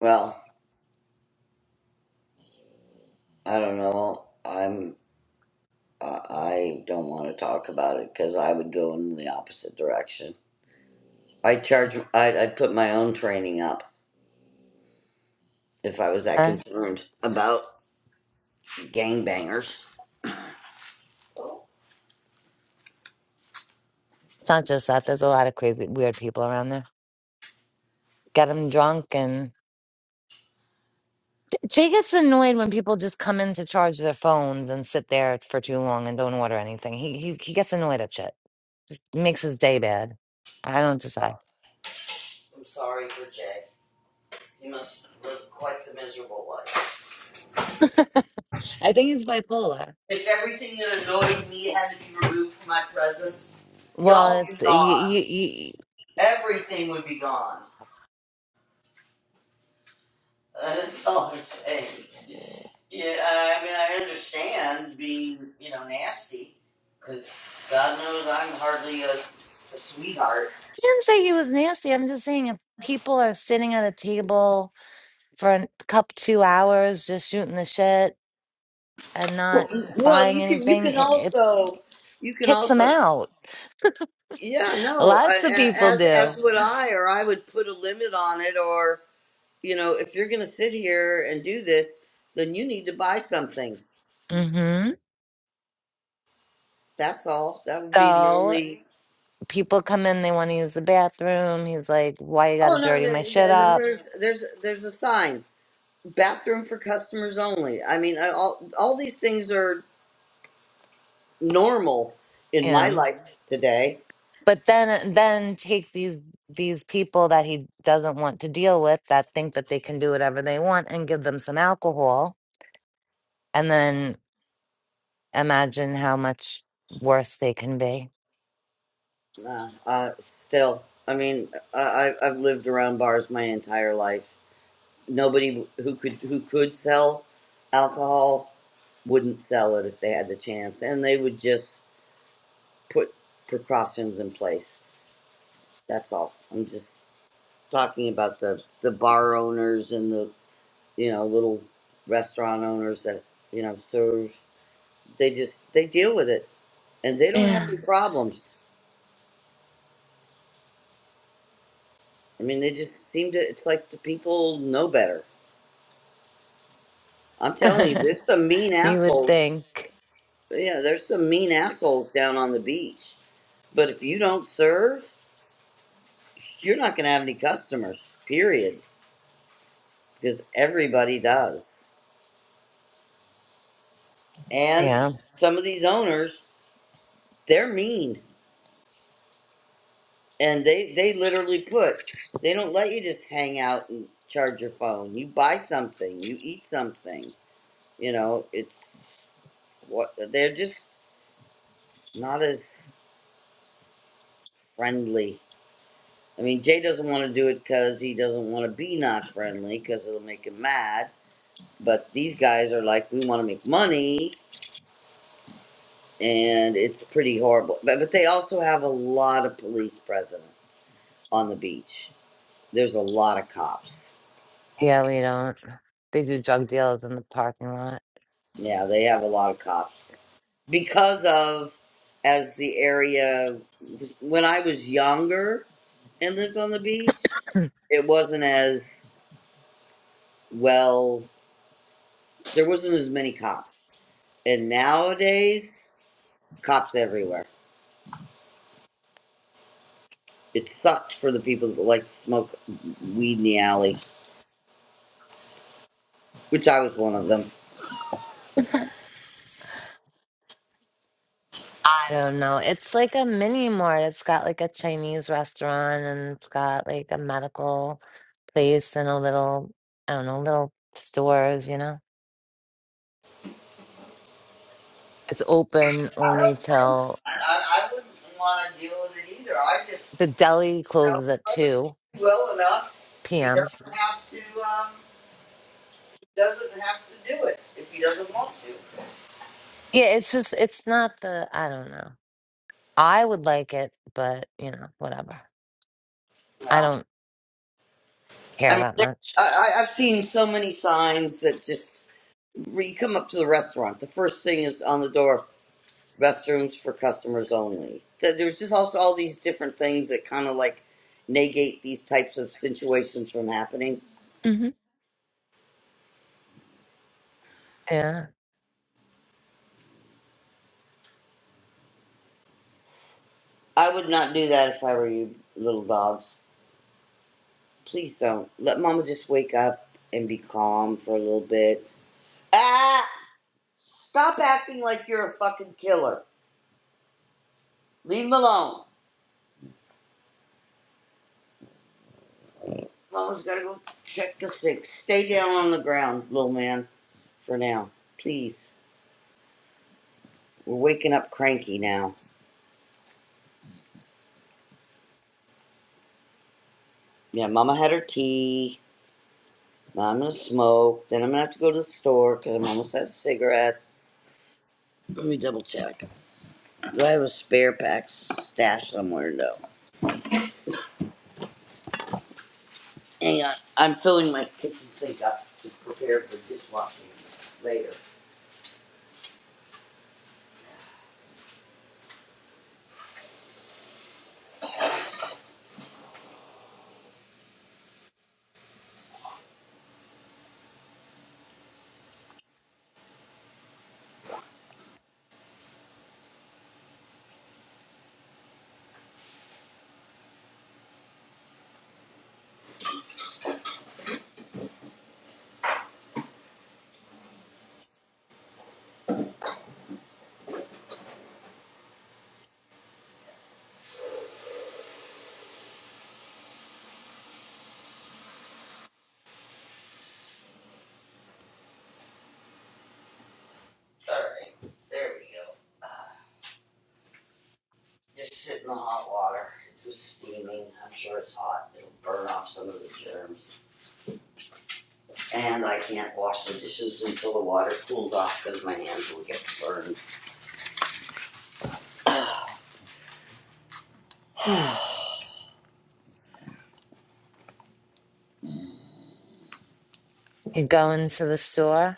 S4: Well, I don't know. I'm. I I don't want to talk about it because I would go in the opposite direction. I charge. I'd, I'd put my own training up if I was that
S2: huh?
S4: concerned about gangbangers.
S2: it's not just that there's a lot of crazy weird people around there get him drunk and jay gets annoyed when people just come in to charge their phones and sit there for too long and don't order anything he, he, he gets annoyed at shit just makes his day bad i don't decide
S4: I'm sorry for Jay. He must live quite the miserable life.
S2: i think he's bipolar
S4: If everything that annoyed me had to be removed from my presence,
S2: Well,
S4: y'all be
S2: it's you,
S4: gone.
S2: you, you,
S4: Everything would be gone. Uh, That's all I'm saying. Yeah, I mean, I understand being, you know, nasty, because God knows I'm hardly a, a sweetheart.
S2: I didn't say he was nasty. I'm just saying if people are sitting at a table for a cup two hours just shooting the shit and not
S4: Well,
S2: buying
S4: you can you
S2: anything,
S4: can
S2: it, it
S4: also you can
S2: kicks them
S4: also
S2: out.
S4: yeah no I,
S2: Lots of
S4: a-
S2: people
S4: as
S2: do.
S4: as would I or I would put a limit on it or you know if you're gonna sit here and do this then you need to buy something
S2: hmm
S4: That's all. That would be the
S2: So
S4: only.
S2: people come in, they want to use the bathroom. He's like, "Why you got
S4: Oh
S2: to
S4: no,
S2: dirty
S4: no,
S2: my shit
S4: no, no, no,
S2: up?"
S4: there's there's there's a sign. Bathroom for customers only. I mean, I, all all these things are normal in my
S2: Yeah.
S4: life today.
S2: But then, then take these these people that he doesn't want to deal with that think that they can do whatever they want and give them some alcohol and then imagine how much worse they can be.
S4: Uh, uh, still, I mean, I, I- I've lived around bars my entire life. Nobody who could who could sell alcohol wouldn't sell it if they had the chance, and they would just put precautions in place. That's all. I'm just talking about the the bar owners and the you know little restaurant owners that you know serve they just they deal with it and they don't have
S2: Yeah.
S4: any problems i mean they just seem to it's like the people know better i'm
S2: <laughs>
S4: telling you there's some mean
S2: you would
S4: assholes
S2: think.
S4: yeah there's some mean assholes down on the beach but if you don't serve you're not going to have any customers period because everybody does and
S2: Yeah.
S4: some of these owners they're mean And they they literally put they don't let you just hang out and charge your phone. You buy something, you eat something. You know, it's what they're just not as friendly. I mean, Jay doesn't want to do it because he doesn't want to be not friendly because it'll make him mad. But these guys are like, we want to make money, and it's pretty horrible. But but they also have a lot of police presence on the beach. There's a lot of cops.
S2: Yeah, we don't. They do drug deals in the parking lot.
S4: Yeah, they have a lot of cops because of as the area when I was younger and lived on the beach, it wasn't as well. There wasn't as many cops, and nowadays, cops everywhere. It sucked for the people that like to smoke weed in the alley, which I was one of them.
S2: I don't know. It's like a mini mart. It's got like a Chinese restaurant and it's got like a medical place and a little, I don't know, little stores, you know? It's open
S4: I,
S2: only
S4: don't,
S2: till
S4: I, I wouldn't want to deal with it either. I just
S2: the deli
S4: know
S2: closes at 2
S4: well enough. He
S2: p.m.
S4: doesn't have to. Um, he doesn't have to do it if he doesn't want to.
S2: Yeah, it's just, it's not the, I don't know. I would like it, but you know, whatever. I don't
S4: I
S2: care
S4: mean,
S2: that
S4: there,
S2: much.
S4: I, I- I've seen so many signs that just when you come up to the restaurant, the first thing is on the door: restrooms for customers only. Th- There's just also all these different things that kind of like negate these types of situations from happening.
S2: hmm Yeah.
S4: I would not do that if I were you, little dogs. Please don't let Mama just wake up and be calm for a little bit. Ah! Stop acting like you're a fucking killer. Leave him alone. Paul's gotta go check the sink. Stay down on the ground, little man, for now. Please. We're waking up cranky now. Yeah, Mama had her tea. Now I'm gonna smoke. Then I'm gonna have to go to the store because I'm almost out of cigarettes. Let me double check. Do I have a spare pack stashed somewhere? No. Hang on. I'm filling my kitchen sink up to prepare for dishwashing later. Alright, there we go. Just sit in the hot water, it was steaming, I'm sure it's hot, it'll burn off some of the germs. And I can't wash the dishes until the water cools off, cause my hands will get burned.
S2: You go into the store?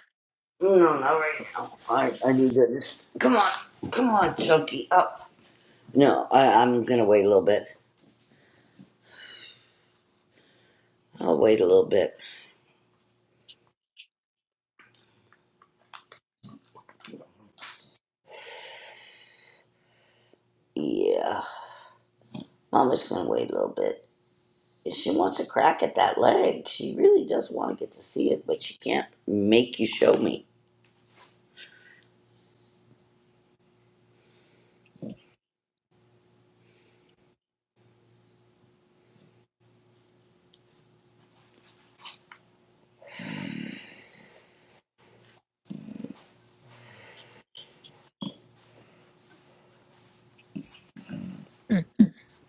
S4: No, not right now, I, I need this, come on, come on, Chunky, up. No, I, I'm gonna wait a little bit, I'll wait a little bit, yeah, Mama's gonna wait a little bit. She wants a crack at that leg, she really does wanna get to see it, but she can't make you show me.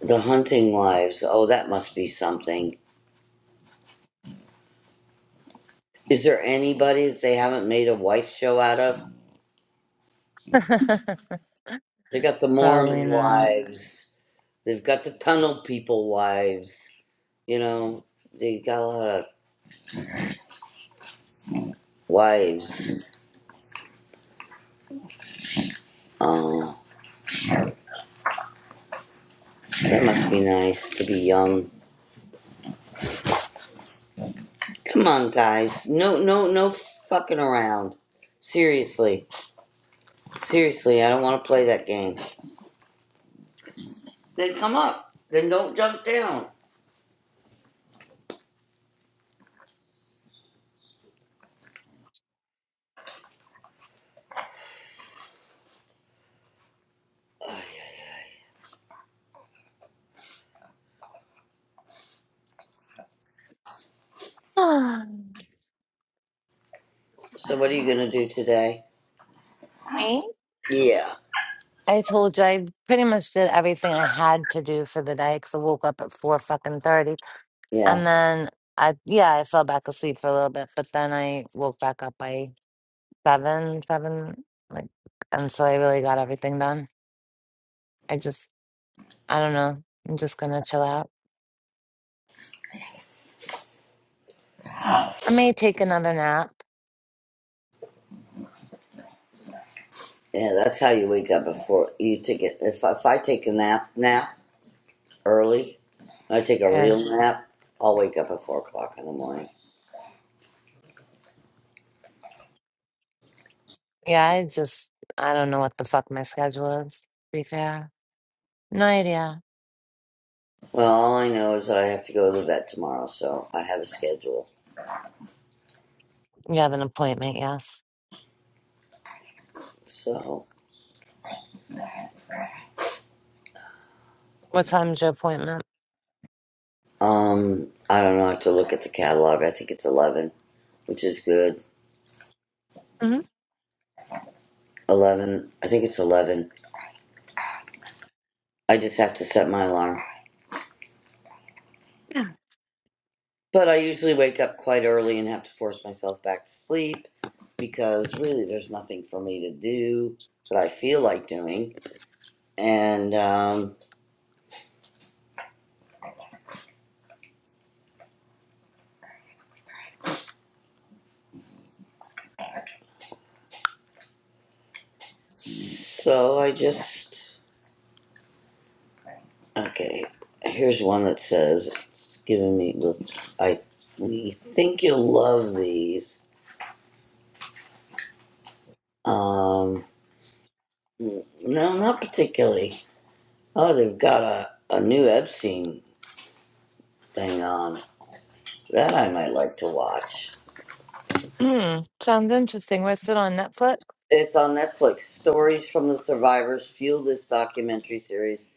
S4: The Hunting Wives. Oh, that must be something. Is there anybody that they haven't made a wife show out of?
S2: <laughs>
S4: They got the
S2: Probably
S4: Mormon
S2: not. <sighs>
S4: wives. They've got the Tunnel People wives. You know, they got a lot of wives. Oh, that must be nice to be young. Come on, guys. No, no, no fucking around. Seriously, seriously, I don't want to play that game. Then come up. Then don't jump down.
S2: Ah,
S4: So, what are you gonna do today?
S2: Me?
S4: Yeah,
S2: I told you I pretty much did everything I had to do for the day because I woke up at four fucking thirty,
S4: yeah.
S2: and then I yeah I fell back asleep for a little bit, but then I woke back up by seven seven like, and so I really got everything done. I just I don't know. I'm just gonna chill out. I may take another nap.
S4: Yeah, that's how you wake up before you take it. If if I take a nap nap early, I take a
S2: Yeah.
S4: real nap. I'll wake up at four o'clock in the morning.
S2: Yeah, I just I don't know what the fuck my schedule is, to be fair. No idea.
S4: Well, all I know is that I have to go to the vet tomorrow, so I have a schedule.
S2: You have an appointment, yes.
S4: So,
S2: What time's your appointment?
S4: um, I don't know. I have to look at the catalog. I think it's eleven, which is good.
S2: hmm
S4: Eleven. I think it's eleven. I just have to set my alarm.
S2: Yeah.
S4: But I usually wake up quite early and have to force myself back to sleep because really there's nothing for me to do that I feel like doing. And um, so I just. Okay, here's one that says it's giving me. well, I we think you'll love these. Um, no, not particularly. Oh, they've got a, a new Epstein thing on. That I might like to watch.
S2: Mm, <clears throat> sounds interesting. What's it on Netflix?
S4: It's on Netflix. Stories from the survivors fuel this documentary series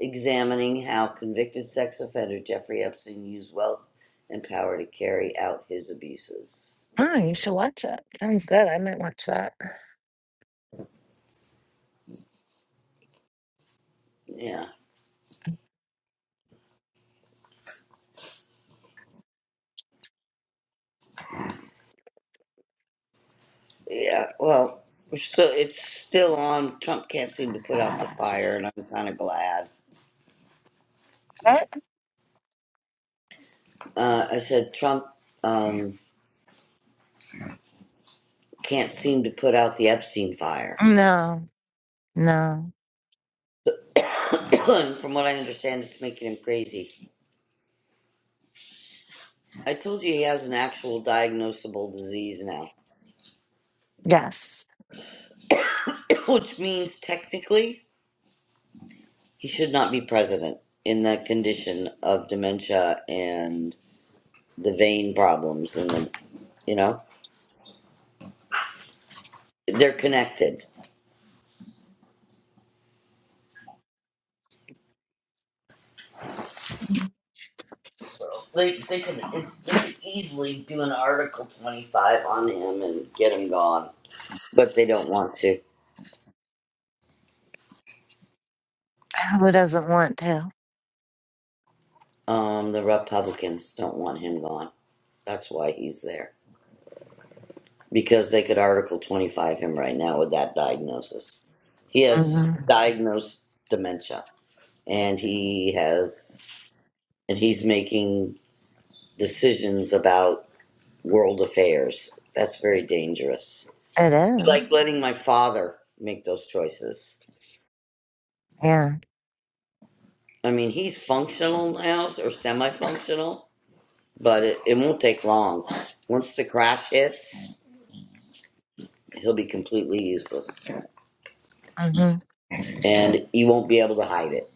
S4: examining how convicted sex offender Jeffrey Epstein used wealth and power to carry out his abuses.
S2: Oh, you should watch it. Sounds good. I might watch that.
S4: Yeah, yeah. Well, we're still it's still on. Trump can't seem to put out the fire, and I'm kind of glad.
S2: What?
S4: Uh, I said Trump um, can't seem to put out the Epstein fire.
S2: No, no.
S4: <coughs> <clears throat> From what I understand, it's making him crazy. I told you he has an actual diagnosable disease now.
S2: Yes.
S4: which means technically he should not be president in that condition of dementia and the vein problems and the you know they're connected
S2: Mhm.
S4: so they they could it's- they could easily do an article 25 on him and get him gone but they don't want to
S2: <sighs> Who doesn't want to?
S4: um the republicans don't want him gone that's why he's there because they could article 25 him right now with that diagnosis he has
S2: hmm
S4: diagnosed dementia and he has and he's making decisions about world affairs. That's very dangerous.
S2: It
S4: Like
S2: is.
S4: letting my father make those choices.
S2: Yeah.
S4: I mean, he's functional now or semi-functional, but it, it won't take long. Once the crash hits, he'll be completely useless,
S2: hmm
S4: and he won't be able to hide it.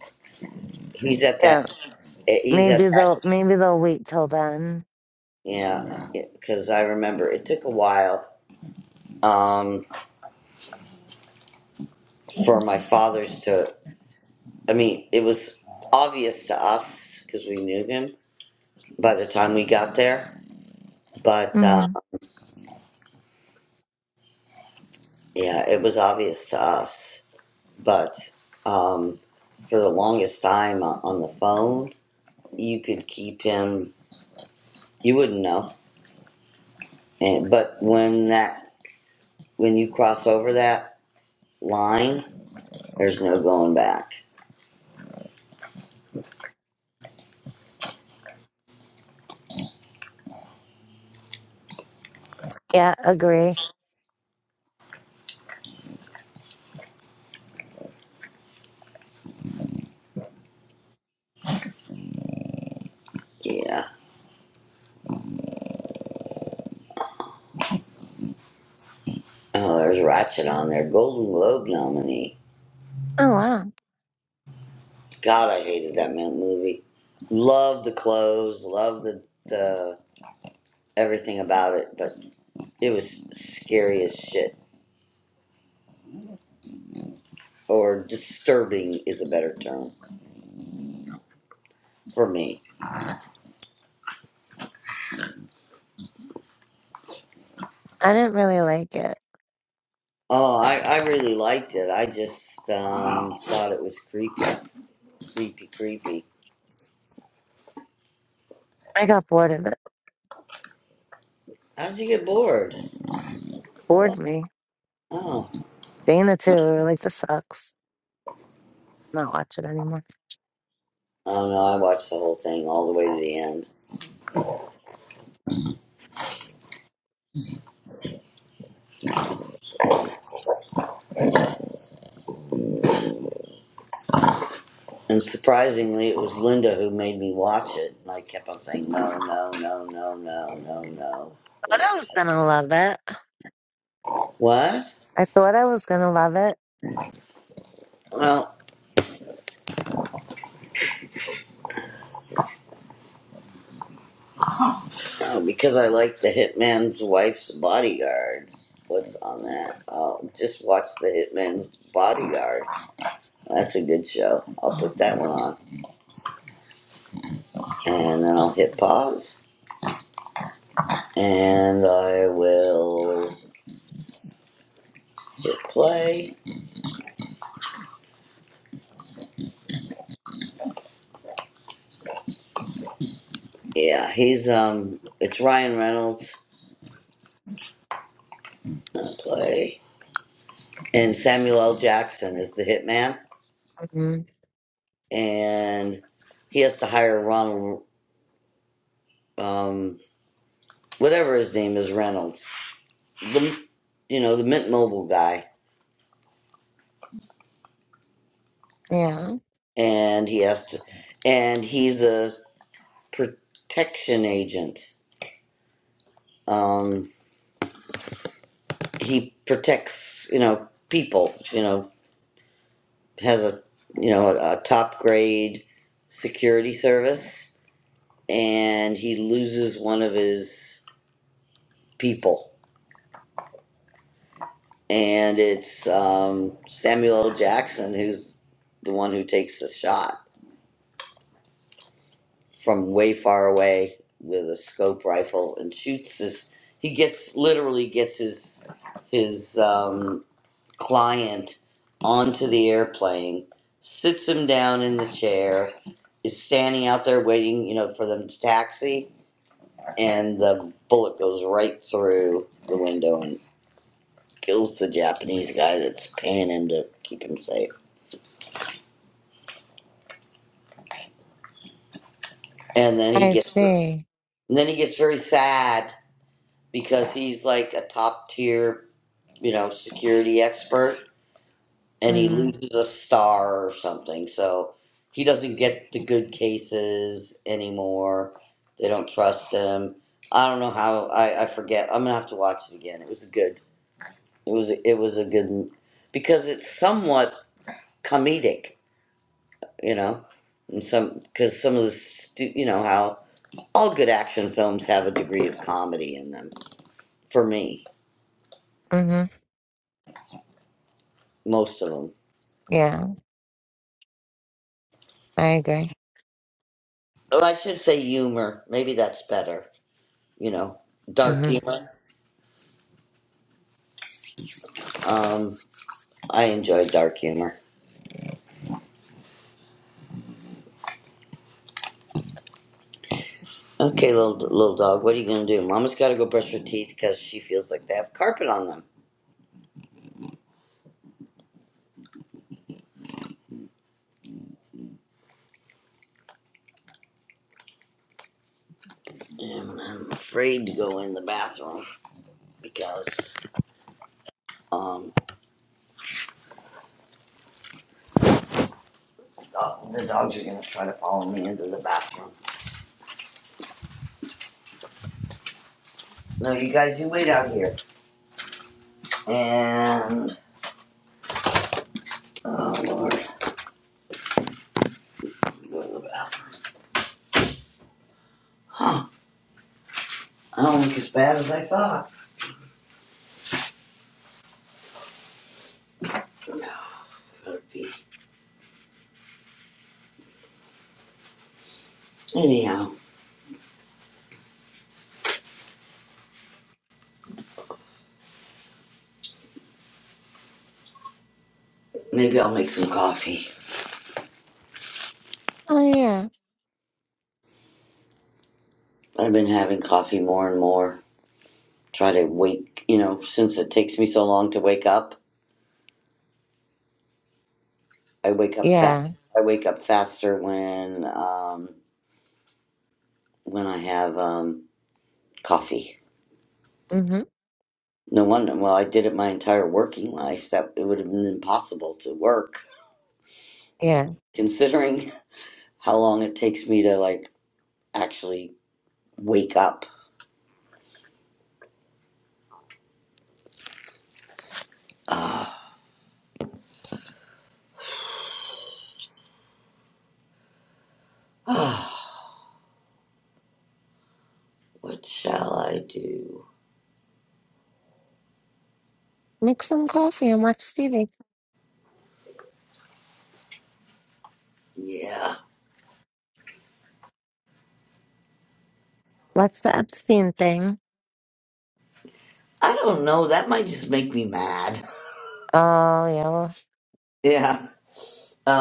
S4: He's at
S2: Yeah.
S4: that. eh, He's at
S2: Maybe
S4: that.
S2: they'll maybe they'll wait till then.
S4: Yeah, because I remember it took a while um, for my father's to. I mean, it was obvious to us because we knew him by the time we got there. But
S2: hmm
S4: uh, yeah, it was obvious to us. But um, for the longest time o- on the phone, you could keep him. You wouldn't know. And but when that when you cross over that line, there's no going back.
S2: Yeah, agree.
S4: Yeah. Oh, there's Ratchet on there. Golden Globe nominee.
S2: Oh wow.
S4: God, I hated that man movie. Loved the clothes, loved the, the everything about it, but it was scary as shit. Or disturbing is a better term for me.
S2: I didn't really like it.
S4: Oh, I, I really liked it. I just um, thought it was creepy, creepy, creepy.
S2: I got bored of it.
S4: How did you get bored?
S2: Bored me.
S4: Oh,
S2: Dana too. We were like, this sucks. Not watch it anymore.
S4: oh no, I watched the whole thing all the way to the end. And surprisingly, it was Linda who made me watch it, and I kept on saying no, no, no, no, no, no, no.
S2: Thought I was gonna love it.
S4: What?
S2: I thought I was gonna love it.
S4: Well, oh, because I like the Hitman's Wife's Bodyguard. What's on that? Oh, just watch the Hitman's Bodyguard. That's a good show. I'll put that one on. And then I'll hit pause. And I will hit play. Yeah, he's, um, it's Ryan Reynolds. uh, Play. And Samuel L. Jackson is the Hitman.
S2: hmm
S4: And he has to hire Ronald, um, whatever his name is, Reynolds the you know the Mint Mobile guy,
S2: Yeah,
S4: and he has to, and he's a protection agent. Um, he protects you know people. You know has a you know a, a top grade security service, and he loses one of his people, and it's um, Samuel L. Jackson who's the one who takes the shot from way far away with a scope rifle and shoots this. He gets literally gets his his um, client onto the airplane, sits him down in the chair, is standing out there waiting, you know, for them to taxi, and the bullet goes right through the window and kills the Japanese guy that's paying him to keep him safe. And then he
S2: I
S4: gets and
S2: see.
S4: then he gets very sad because he's like a top tier you know, security expert and he
S2: hmm
S4: loses a star or something. So he doesn't get the good cases anymore. They don't trust him. I don't know how I, I forget. I'm gonna have to watch it again. It was a good. It was it was a good m- because it's somewhat comedic, you know, and some because some of the stu- you know how all good action films have a degree of comedy in them. For me,
S2: hmm
S4: most of them.
S2: Yeah, I agree.
S4: Oh, I should say humor. Maybe that's better. you know, dark
S2: hmm
S4: humor. Um, I enjoy dark humor. Okay, little little dog, what are you gonna do? Mama's gotta go brush her teeth because she feels like they have carpet on them. And I'm afraid to go in the bathroom because um dog- the dogs are gonna try to follow me into the bathroom. No, you guys, you wait out here. And oh Lord, go to the bathroom. Huh? I don't look as bad as I thought. No, better be. Anyhow, maybe I'll make some coffee.
S2: Oh yeah,
S4: I've been having coffee more and more. Try to wake, you know, since it takes me so long to wake up, I wake up fast.
S2: yeah.
S4: I wake up faster when um, when I have um, coffee.
S2: hmm
S4: No wonder. Well, I did it my entire working life. That it would have been impossible to work,
S2: Yeah.
S4: considering <laughs> how long it takes me to like actually wake up. <sighs> what shall I do?
S2: Make some coffee and watch TV.
S4: Yeah,
S2: Watch the Epstein thing.
S4: I don't know. That might just make me mad.
S2: Oh yeah. Well,
S4: <laughs> yeah.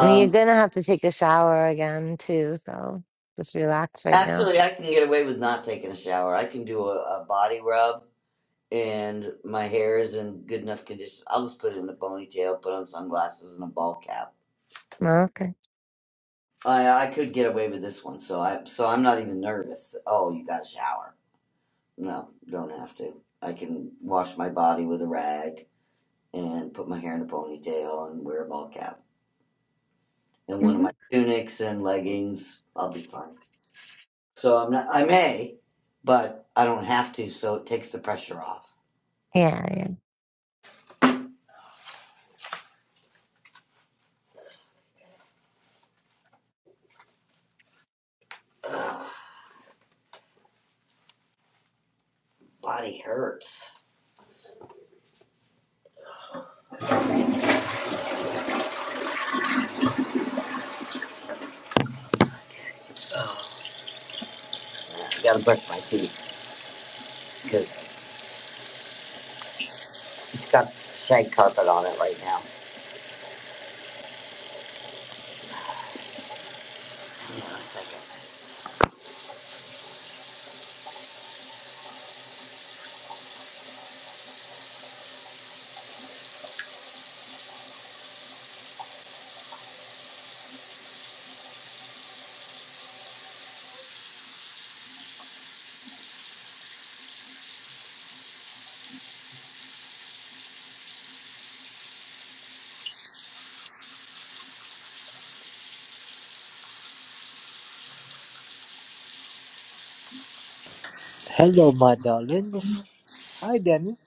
S2: I mean, you're gonna have to take a shower again too. So just relax right now.
S4: Actually, I can get away with not taking a shower. I can do a, a body rub, and my hair is in good enough condition. I'll just put it in a ponytail, put on sunglasses and a ball cap.
S2: Well, Okay.
S4: I I could get away with this one, so I so I'm not even nervous. Oh, you got to shower? No, don't have to. I can wash my body with a rag and put my hair in a ponytail and wear a ball cap and one of
S2: hmm
S4: my tunics and leggings. I'll be fine. So I'm not. I may, but I don't have to. So it takes the pressure off.
S2: Yeah, yeah.
S4: Ugh, body hurts. I gotta brush my teeth because it's got shag carpet on it right now. Hang on a second.
S5: Hello, my darlings. Hi, Danny.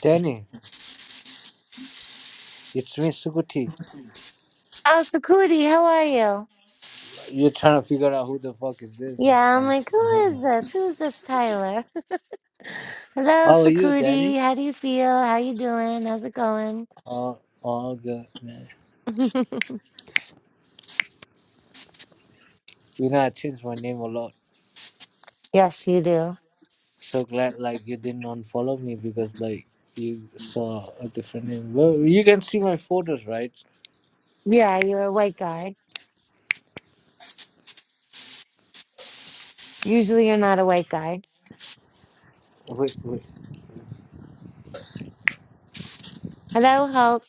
S5: Danny, it's me, Sukuti.
S2: Oh, Sakudi, how are you?
S5: You're trying to figure out who the fuck is this?
S2: Yeah, I'm
S5: Oh,
S2: like, who is this? Who is this Tyler? <laughs> Hello,
S5: How are you, Danny?
S2: Sakudi. How do you feel? How you doing? How's it going?
S5: Oh, all good, man.
S2: <laughs>
S5: You know, I changed my name a lot.
S2: yes, you do.
S5: So glad, like, you didn't unfollow me because, like, you saw a different name. Well, you can see my photos, right?
S2: Yeah, you're a white guy. Usually you're not a white guy.
S5: Wait, wait.
S2: Hello, Hulk.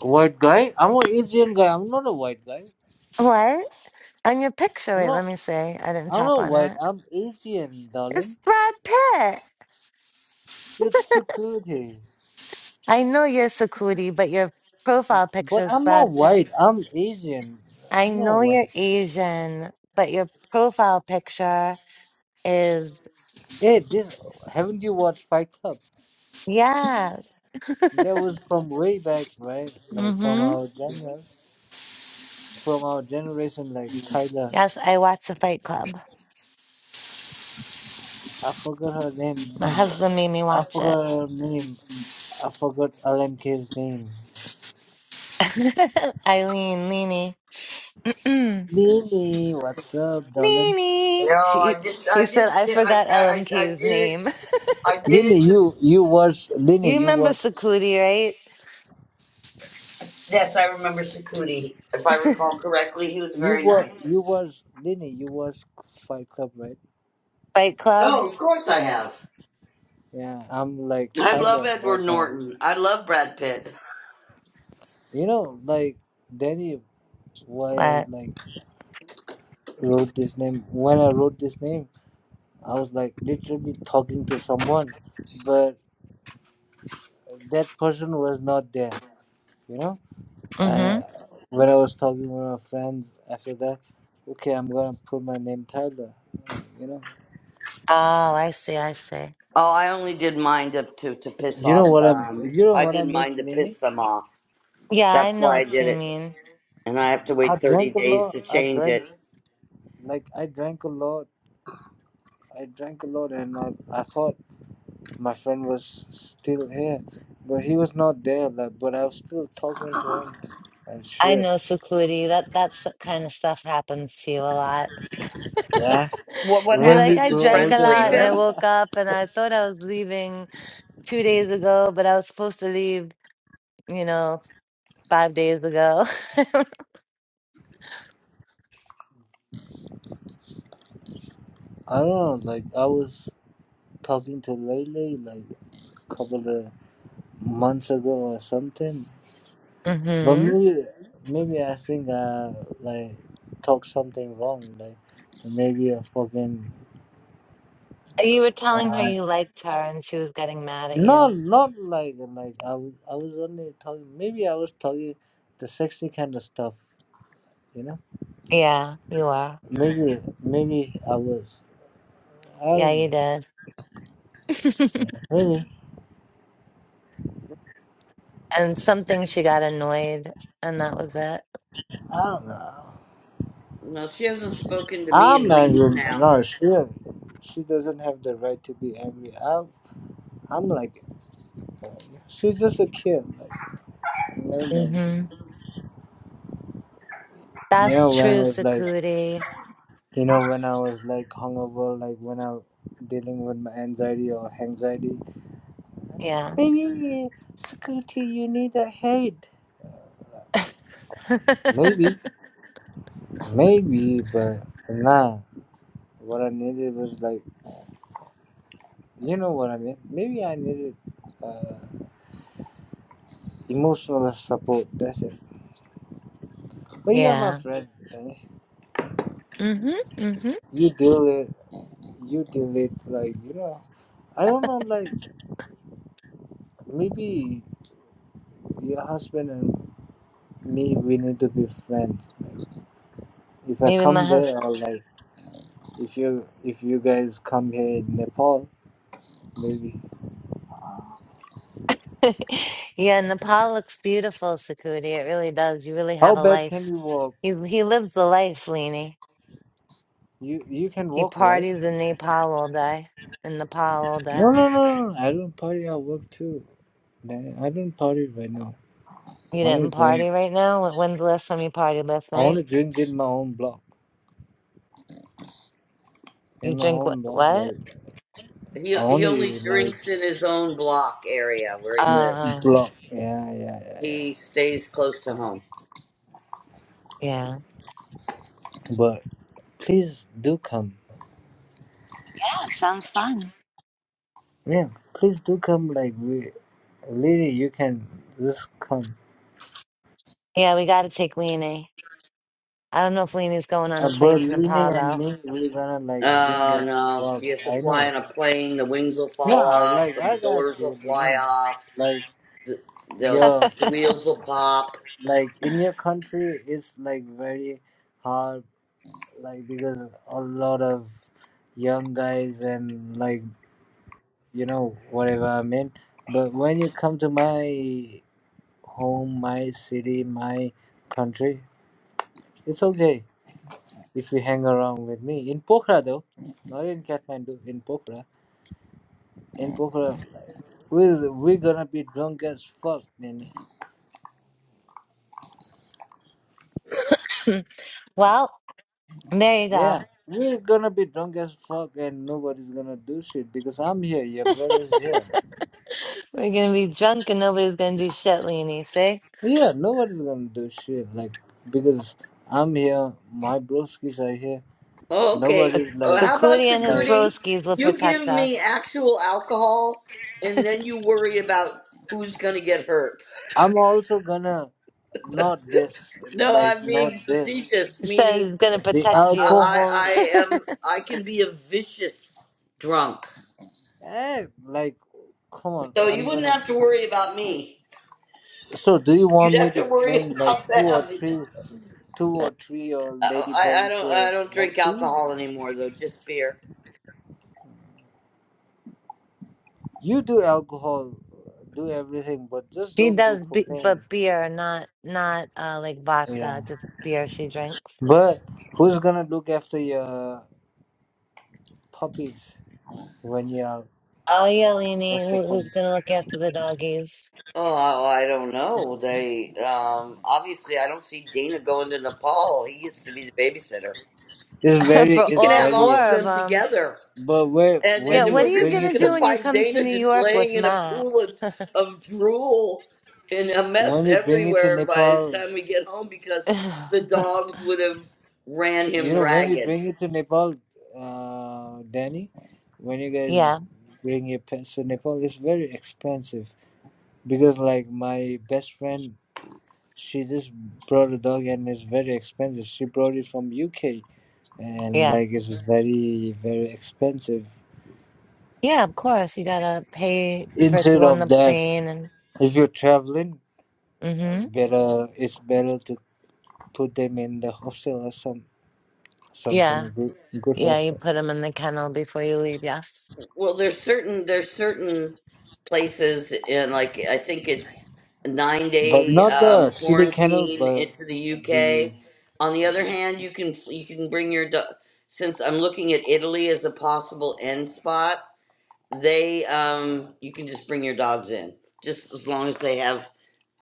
S5: White guy? I'm an Asian guy. I'm not a white guy.
S2: What? On your picture,
S5: I'm
S2: wait,
S5: not.
S2: let me see. I didn't
S5: I'm
S2: tap
S5: not
S2: on
S5: white.
S2: it.
S5: I'm Asian,
S2: It's
S5: darling.
S2: Brad Pitt.
S5: It's Sukuti.
S2: I know you're Sakudi, but your profile
S5: But
S2: picture is
S5: I'm not
S2: Brad Pitt.
S5: white. I'm Asian.
S2: I
S5: I'm not
S2: know
S5: white.
S2: you're Asian, but your profile picture is
S5: Hey, this haven't you watched Fight Club?
S2: Yeah.
S5: That was from way back, right? Like from
S2: Mm-hmm.
S5: our genre, from our generation. Like Tyler,
S2: Yes, I watched the Fight Club.
S5: I forgot her name.
S2: My
S5: Like
S2: husband made me
S5: I
S2: watch it.
S5: forgot her name. I forgot LMK's name.
S2: <laughs> Eileen, Leany.
S5: Lily, what's up, darling?
S2: Leany.
S4: No,
S2: <clears throat> She
S4: I just,
S2: he
S4: I
S2: said
S4: just,
S2: I
S4: yeah, I,
S2: forgot
S4: I, I
S2: LMK's
S4: did it.
S2: name. <laughs>
S4: I did
S5: Lily,
S4: it. To,
S5: you you watch Lily,
S2: You
S5: you
S2: remember
S5: watch
S2: Sakudi, right?
S4: yes, I remember Sakuti. If I recall correctly, he was
S5: you
S4: very
S5: watch
S4: nice.
S5: you watch Lily, you watch Fight Club, right?
S2: Fight Club?
S4: Oh, of course I have.
S5: Yeah, I'm like
S4: I love
S5: Tyler right
S4: Edward
S5: now.
S4: Norton. I love Brad Pitt.
S5: You know, like Danny, why I
S2: What?
S5: like wrote this name. When I wrote this name, I was like literally talking to someone, but that person was not there. You know, and
S2: Mm-hmm.
S5: when I was talking with my friends after that, okay, I'm gonna put my name Tyler. Like, you know,
S2: Oh, I see, I see.
S4: Oh, I only did mind up to to piss
S5: you know
S4: off.
S5: what I'm.
S4: Um,
S5: You know
S4: I
S5: what I
S4: did
S5: made,
S4: mine to
S5: Lenny.
S4: piss them off.
S2: Yeah, I
S4: That's
S2: know
S4: why I
S2: what
S4: did
S2: you
S4: it.
S2: mean.
S4: And I have to
S5: I
S4: wait thirty
S5: drank a
S4: days
S5: lot.
S4: to
S5: I
S4: change
S5: drank
S4: it.
S5: like I drank a lot. I drank a lot, and I, I thought My friend was still here, but he was not there. Like, but I was still talking to him and
S2: I
S5: shit.
S2: know Sakudi. That that s- kind of stuff happens to you a lot. <laughs>
S5: Yeah.
S4: What what
S2: Be
S5: When
S2: like,
S5: we
S4: happens?
S2: I
S4: His
S5: grow
S2: drank a
S4: friends
S5: older,
S2: lot
S4: leave
S2: and
S5: right?
S2: I
S5: <laughs>
S4: him?
S2: woke up and I thought I was leaving. two days ago, but I was supposed to leave, you know, five days ago. <laughs>
S5: I don't know. Like, I was talking to Lele like a couple of months ago or something. But
S2: hmm
S5: maybe, maybe I think I like talked something wrong. Like, maybe I fucking.
S2: You were telling her
S5: Uh,
S2: you liked her and she was getting mad at
S5: not
S2: you.
S5: not like like I was I was only talking maybe I was talking the sexy kind of stuff You know,
S2: Yeah, you are.
S5: maybe maybe I was. I
S2: Yeah,
S5: don't
S2: you
S5: know.
S2: did. <laughs>
S5: Maybe
S2: And something she got annoyed, and that was it.
S5: I don't know.
S4: No, she hasn't spoken to me
S5: I'm
S4: in weeks
S5: angry.
S4: now.
S5: No, she she doesn't have the right to be angry. I'm I'm like, uh, she's just a kid. Like, never mind.
S2: hmm
S5: You know,
S2: That's
S5: when I
S2: true,
S5: was like,
S2: Sakudi.
S5: you know, when I was like hungover, like when I dealing with my anxiety or anxiety.
S2: Yeah.
S5: Maybe uh, security, you need a head.
S2: <laughs>
S5: Maybe, maybe, but nah. What I needed was like. You know what I mean? Maybe I needed uh, emotional support. That's it. But you're my
S2: Yeah.
S5: friend. eh?
S2: Mm-hmm. Mm-hmm.
S5: You deal it. You deal it. Like you know. I don't know. Like maybe your husband and me, we need to be friends. If I
S2: Maybe my
S5: come there,
S2: husband.
S5: or like if you if you guys come here in Nepal, maybe.
S2: <laughs> Yeah, Nepal looks beautiful, Sakudi. It really does. You really have
S5: How
S2: a
S5: bad can
S2: life.
S5: you walk?
S2: He he lives the life, Lainey.
S5: You you can
S2: He
S5: walk, right?
S2: partied in Nepal all day. In Nepal all day.
S5: No, no, no. no. I don't party. I work too. Nah, I don't party right now.
S2: You
S5: I Only
S2: didn't
S5: drink.
S2: party right now? When- When's the last time you partied last
S5: I
S2: night?
S5: only drink in my own block.
S2: You
S5: In my
S2: drink what?
S5: own block,
S2: What?
S5: like
S4: He
S5: I
S4: he only
S5: only like
S4: drinks in his own block area where he
S2: Oh, oh,
S4: lives.
S5: block. Yeah, yeah, yeah, yeah.
S4: He stays close to home.
S2: yeah.
S5: But please do come.
S2: Yeah, it sounds fun.
S5: Yeah, please do come. Like we, Lily, you can just come.
S2: Yeah, we got to take Leanie. I don't know if Leanie's going on
S5: Uh,
S2: a plane
S5: but
S2: to
S5: Lily
S2: Nepal,
S5: and me,
S2: though.
S5: we're gonna like drink
S4: Oh
S5: at
S4: no!
S5: block.
S4: You have to
S5: I know.
S4: fly on a plane. The wings will fall
S5: No,
S4: off.
S5: like
S4: The
S5: I got
S4: doors will
S5: you,
S4: fly
S5: Lily.
S4: off.
S5: Like
S4: They'll
S5: yo,
S4: the wheels will pop.
S5: like in your country, it's like very hard. Like because a lot of young guys and like you know, whatever I mean. But when you come to my home, my city, my country, it's okay if you hang around with me. In Pokhara though, not in Kathmandu, in Pokhara. In Pokhara, we're, we're gonna be drunk as fuck, Nene.
S2: <laughs> well, there you
S5: Yeah,
S2: go.
S5: we're gonna be drunk as fuck and nobody's gonna do shit because I'm here, your brother's here.
S2: <laughs> We're going to be drunk and nobody's going to do shit, Leanie, see?
S5: Yeah, nobody's gonna do shit, like, because I'm here, my broskies are here,
S4: Oh, okay.
S5: Nobody like,
S4: Uh,
S2: So
S4: how about
S2: Cootie and his
S5: like
S4: Sakuti?
S2: broskies will
S4: You
S2: protect
S4: give me
S2: us.
S4: actual alcohol, and then you worry about who's gonna get hurt.
S5: I'm also gonna not this,
S4: No,
S5: like
S4: I'm
S5: not
S4: being
S5: this.
S4: facetious,
S2: He says
S4: meaning
S2: he's going to
S5: The
S4: I,
S2: protect you.
S4: I,
S5: alcohol,
S4: I am I can be a vicious drunk.
S5: eh? Like, come on.
S4: So you
S5: I'm
S4: wouldn't
S5: gonna.
S4: have to worry about me.
S5: So, do you want
S4: You'd
S5: me
S4: have
S5: to
S4: to worry <laughs>
S5: bring like
S4: about
S5: two or
S4: them.
S5: three, two
S2: <laughs>
S5: or three, or
S4: Uh,
S5: lady
S4: I, I
S5: bones
S4: don't
S5: uh,
S4: I don't drink
S5: next to you?
S4: alcohol anymore though, just beer.
S5: You do alcohol, do everything, but just
S2: She
S5: don't do
S2: does, be-
S5: cocaine.
S2: but beer, not not uh like
S5: Yeah.
S2: vodka, just beer she drinks.
S5: But who's gonna look after your puppies when you're? out?
S2: Oh yeah, Lainey,
S5: That's the
S2: who,
S5: point.
S2: who's gonna look after the doggies
S4: Oh, I, I don't know. They um obviously I don't see Dana going to Nepal. He gets to be the babysitter.
S5: It's
S2: <laughs>
S5: very,
S2: for
S4: You
S5: it's
S4: can
S2: all
S4: have
S2: four
S4: all
S5: very.
S4: of
S2: of
S4: them
S2: them?
S4: together.
S5: But where
S4: and
S5: when
S2: Yeah,
S4: and
S5: you
S2: what are
S4: we're
S2: you
S5: bring
S4: just
S2: gonna
S5: it to
S4: gonna
S2: do when you
S4: find
S2: come to
S4: Dana
S2: New
S4: just
S2: York with
S4: laying in a
S2: Matt?
S4: pool of,
S2: <laughs>
S4: of drool and a mess
S5: when you bring it to
S4: everywhere by the
S5: Nepal,
S4: time we get home because the dogs would have ran
S5: you
S4: him
S5: know, when you
S4: ragged.
S5: bring it to Nepal, uh, Danny, when you guys
S2: yeah,
S5: bring your pets to Nepal, it's very expensive because, like, my best friend, she just brought a dog and it's very expensive. She brought it from UK and
S2: yeah,
S5: like it's very very expensive.
S2: yeah. Of course, you gotta pay for it to go
S5: Instead
S2: on
S5: of
S2: the
S5: that,
S2: plane, and
S5: if you're traveling, uh,
S2: mm-hmm.
S5: better it's better to put them in the hostel or some
S2: yeah,
S5: something good good
S2: yeah. You
S5: hostel.
S2: put him in the kennel before you leave. Yes.
S4: Well, there's certain there's certain places in like I think it's a nine
S5: But
S4: day
S5: not
S4: um,
S5: the city canal,
S4: quarantine
S5: but
S4: into the
S5: the
S4: UK. On the other hand, you can you can bring your dog. Since I'm looking at Italy as a possible end spot, They, um, you can just bring your dogs in, just as long as they have,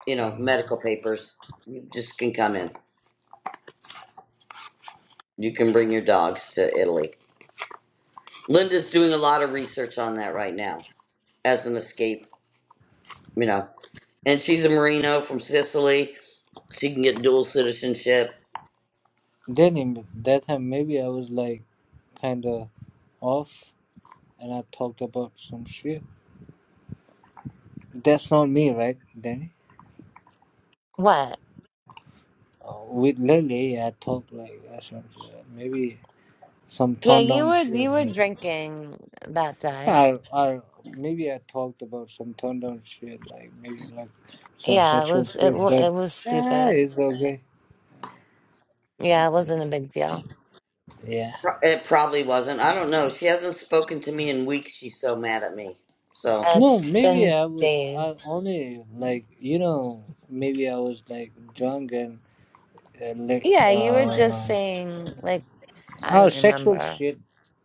S4: you know, medical papers. You just can come in. You can bring your dogs to Italy. Linda's doing a lot of research on that right now as an escape, you know. And she's a Marino from Sicily. She can get dual citizenship.
S5: then in that time maybe I was like kinda off and I talked about some shit. That's not me, right, Danny?
S2: What?
S5: Uh, with Lily, I talk like uh, some shit. maybe some
S2: Yeah,
S5: turned
S2: you
S5: down
S2: were
S5: shit.
S2: you were
S5: Like,
S2: drinking that day.
S5: I, I maybe I talked about some turned down shit, like maybe like some
S2: Yeah, it
S5: sexual
S2: was it,
S5: shit.
S2: wa-
S5: But
S2: it was
S5: yeah,
S2: stupid.
S5: it's okay.
S2: Yeah, it wasn't a big deal.
S5: Yeah.
S4: Pro- It probably wasn't. I don't know. She hasn't spoken to me in weeks. She's so mad at me. So.
S5: No,
S2: It's
S5: maybe
S2: been
S5: I was I
S2: days.
S5: only like you know maybe I was like drunk and uh, like
S2: Yeah, you were just
S5: uh
S2: saying like I
S5: oh
S2: don't
S5: sexual
S2: remember.
S5: shit.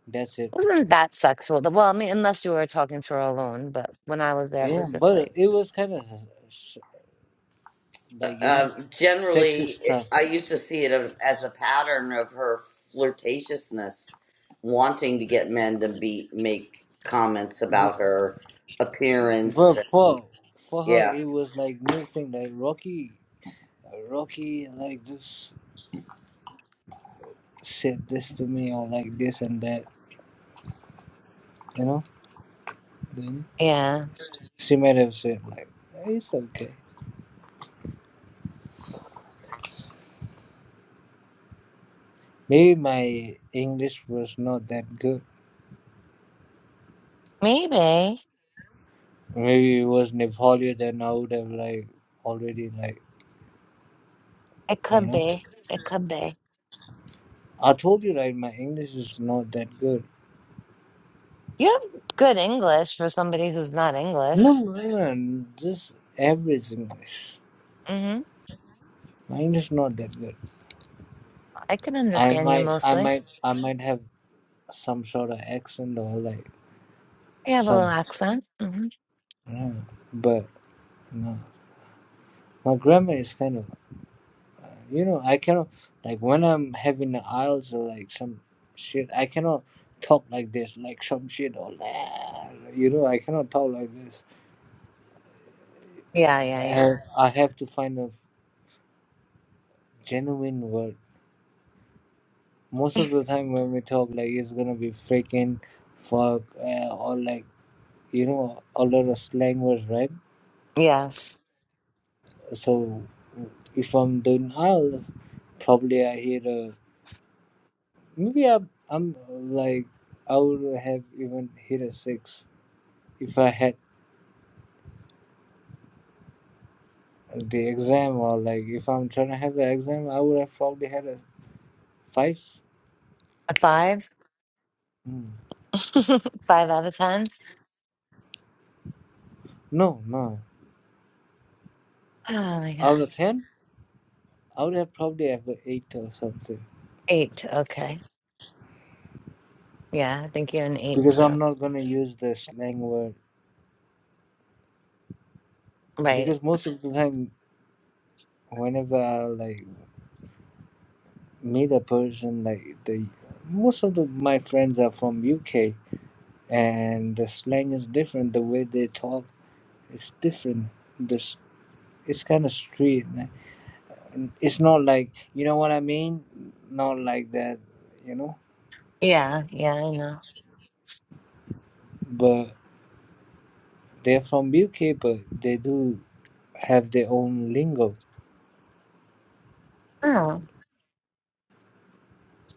S5: That's it.
S2: It wasn't that sexual. Well, I mean, unless you were talking to her alone, but when I was there, it
S5: Yeah,
S2: was just
S5: but
S2: like,
S5: it was kind of like you know
S4: Um,
S5: sexy
S4: generally,
S5: stuff.
S4: I used to see it as a pattern of her flirtatiousness, wanting to get men to be make comments
S5: Bu-
S4: about her
S5: But
S4: appearance.
S5: for for her,
S4: Yeah.
S5: it was like new thing like Rocky, Rocky like just said this to me or like this and that. You know, then
S2: yeah,
S5: she might have said like it's okay. Maybe my English was not that good.
S2: maybe
S5: Maybe it was Nepali, then I would have like already like
S2: it
S5: you
S2: could
S5: know.
S2: be. It could be.
S5: I told you right, my English is not that good.
S2: You have good English for somebody who's not
S5: No,
S2: English.
S5: no, no, no, no, just average English.
S2: hmm
S5: My English is not that good.
S2: I can
S5: I
S2: understand you
S5: might, I
S2: mostly.
S5: might, I might have some sort of accent or like
S2: You have a little
S5: some,
S2: accent. hmm
S5: I don't know. but no, my grammar is kind of You know, I cannot like when I'm having the IELTS or like some shit. I cannot talk like this, like some shit or "Nah," you know. I cannot talk like this.
S2: Yeah, yeah,
S5: And
S2: yeah.
S5: I have to find a f- genuine word. Most of the time when we talk, like it's gonna be freaking, fuck, uh, or like you know a lot of slang words, right?
S2: Yes.
S5: So if I'm doing IELTS, probably I hit a maybe I'm I'm like I would have even hit a six if I had the exam or like if I'm trying to have the exam, I would have probably had a five.
S2: A five?
S5: Mm.
S2: <laughs> Five out of ten.
S5: No, no.
S2: Oh my
S5: Out
S2: god.
S5: of ten, I would have probably have an eight or something
S2: Eight. Okay. Yeah, I think you're an eight
S5: because I'm
S2: too.
S5: not gonna use the slang word
S2: Right.
S5: because most of the time, whenever I like meet a person, like the most of the, my friends are from UK and the slang is different. The way they talk is different. This it's kind of street. nah. it's not like you know what I mean. Not like that, you know.
S2: Yeah. Yeah, I know.
S5: But they're from UK, but they do have their own lingo,
S2: Oh.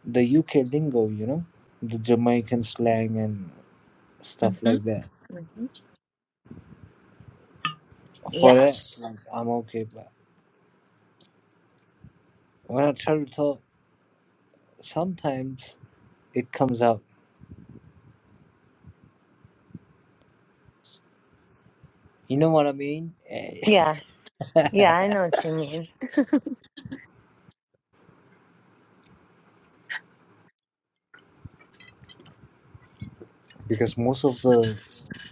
S5: the UK lingo, you know, the Jamaican slang and stuff
S2: hmm
S5: like that.
S2: hmm
S5: For that,
S2: Yes.
S5: like I'm okay. But when I try to talk, sometimes it comes out. You know what I mean? Eh,
S2: Yeah.
S5: <laughs>
S2: Yeah, I know what you mean.
S5: because most of the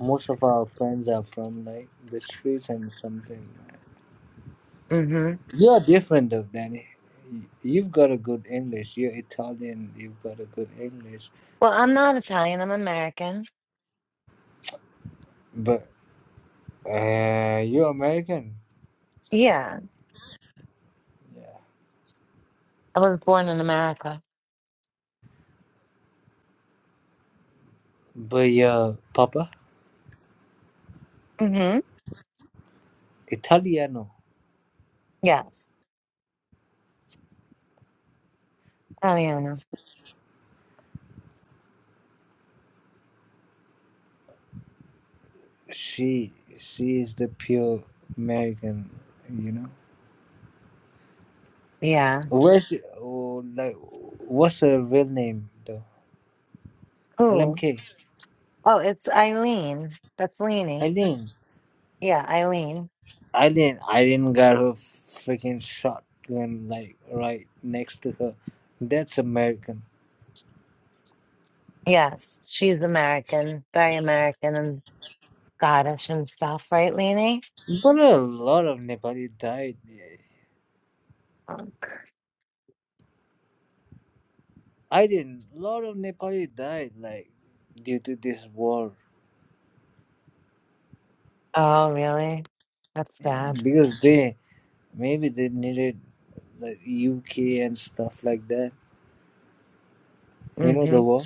S5: most of our friends are from like the streets and something.
S2: hmm
S5: You're different though, Danny. You've got a good English. You're Italian. You've got a good English.
S2: Well, I'm not Italian. I'm American.
S5: But uh, you're American.
S2: Yeah.
S5: Yeah.
S2: I was born in America.
S5: But your papa,
S2: hmm
S5: Italiano.
S2: Yes. Eliana.
S5: She she is the pure American. You know.
S2: Yeah.
S5: Where's oh, like what's her real name though?
S2: Who?
S5: LMK.
S2: Oh, it's Eileen. That's Leanie.
S5: Eileen.
S2: Yeah, Eileen.
S5: Eileen. Eileen got her freaking shotgun like right next to her. That's American.
S2: Yes, she's American, very American, and. Scottish and stuff, right, Lainey?
S5: But a lot of Nepali died. eh. I didn't. A lot of Nepali died, like due to this war.
S2: Oh, really? That's
S5: Yeah,
S2: sad.
S5: because they maybe they needed like UK and stuff like that. You know the
S2: hmm
S5: war.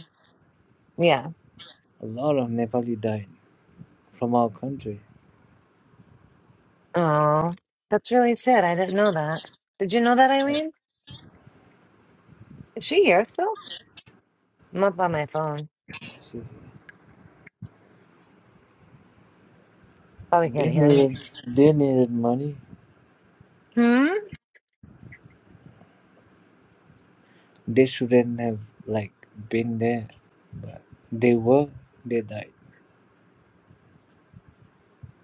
S2: Yeah.
S5: A lot of Nepali died from our country.
S2: Oh, that's really sad. I didn't know that. Did you know that, Eileen? Is she here still? I'm up on my phone.
S5: So
S2: Probably can't
S5: They
S2: hear me.
S5: needed. They needed money.
S2: Hmm?
S5: They shouldn't have like been there, but they were. They died.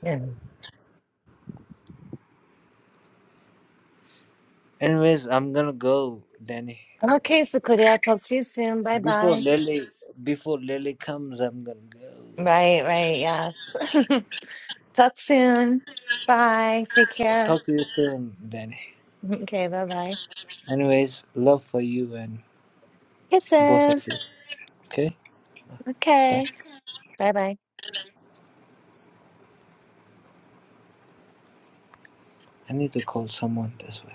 S2: Yeah.
S5: Anyways, I'm gonna go, Danny.
S2: Okay, Fukuda, I'll talk to you soon. Bye
S5: Before
S2: bye.
S5: Lily, before Lily comes, I'm gonna go.
S2: Right, right, yes. <laughs> talk soon. Bye. Take care.
S5: Talk to you soon, Danny.
S2: <laughs> Okay, bye bye.
S5: Anyways, love for you and both of
S2: Kisses.
S5: you. Okay, bye.
S2: Okay. Bye bye.
S5: I need to call someone this way.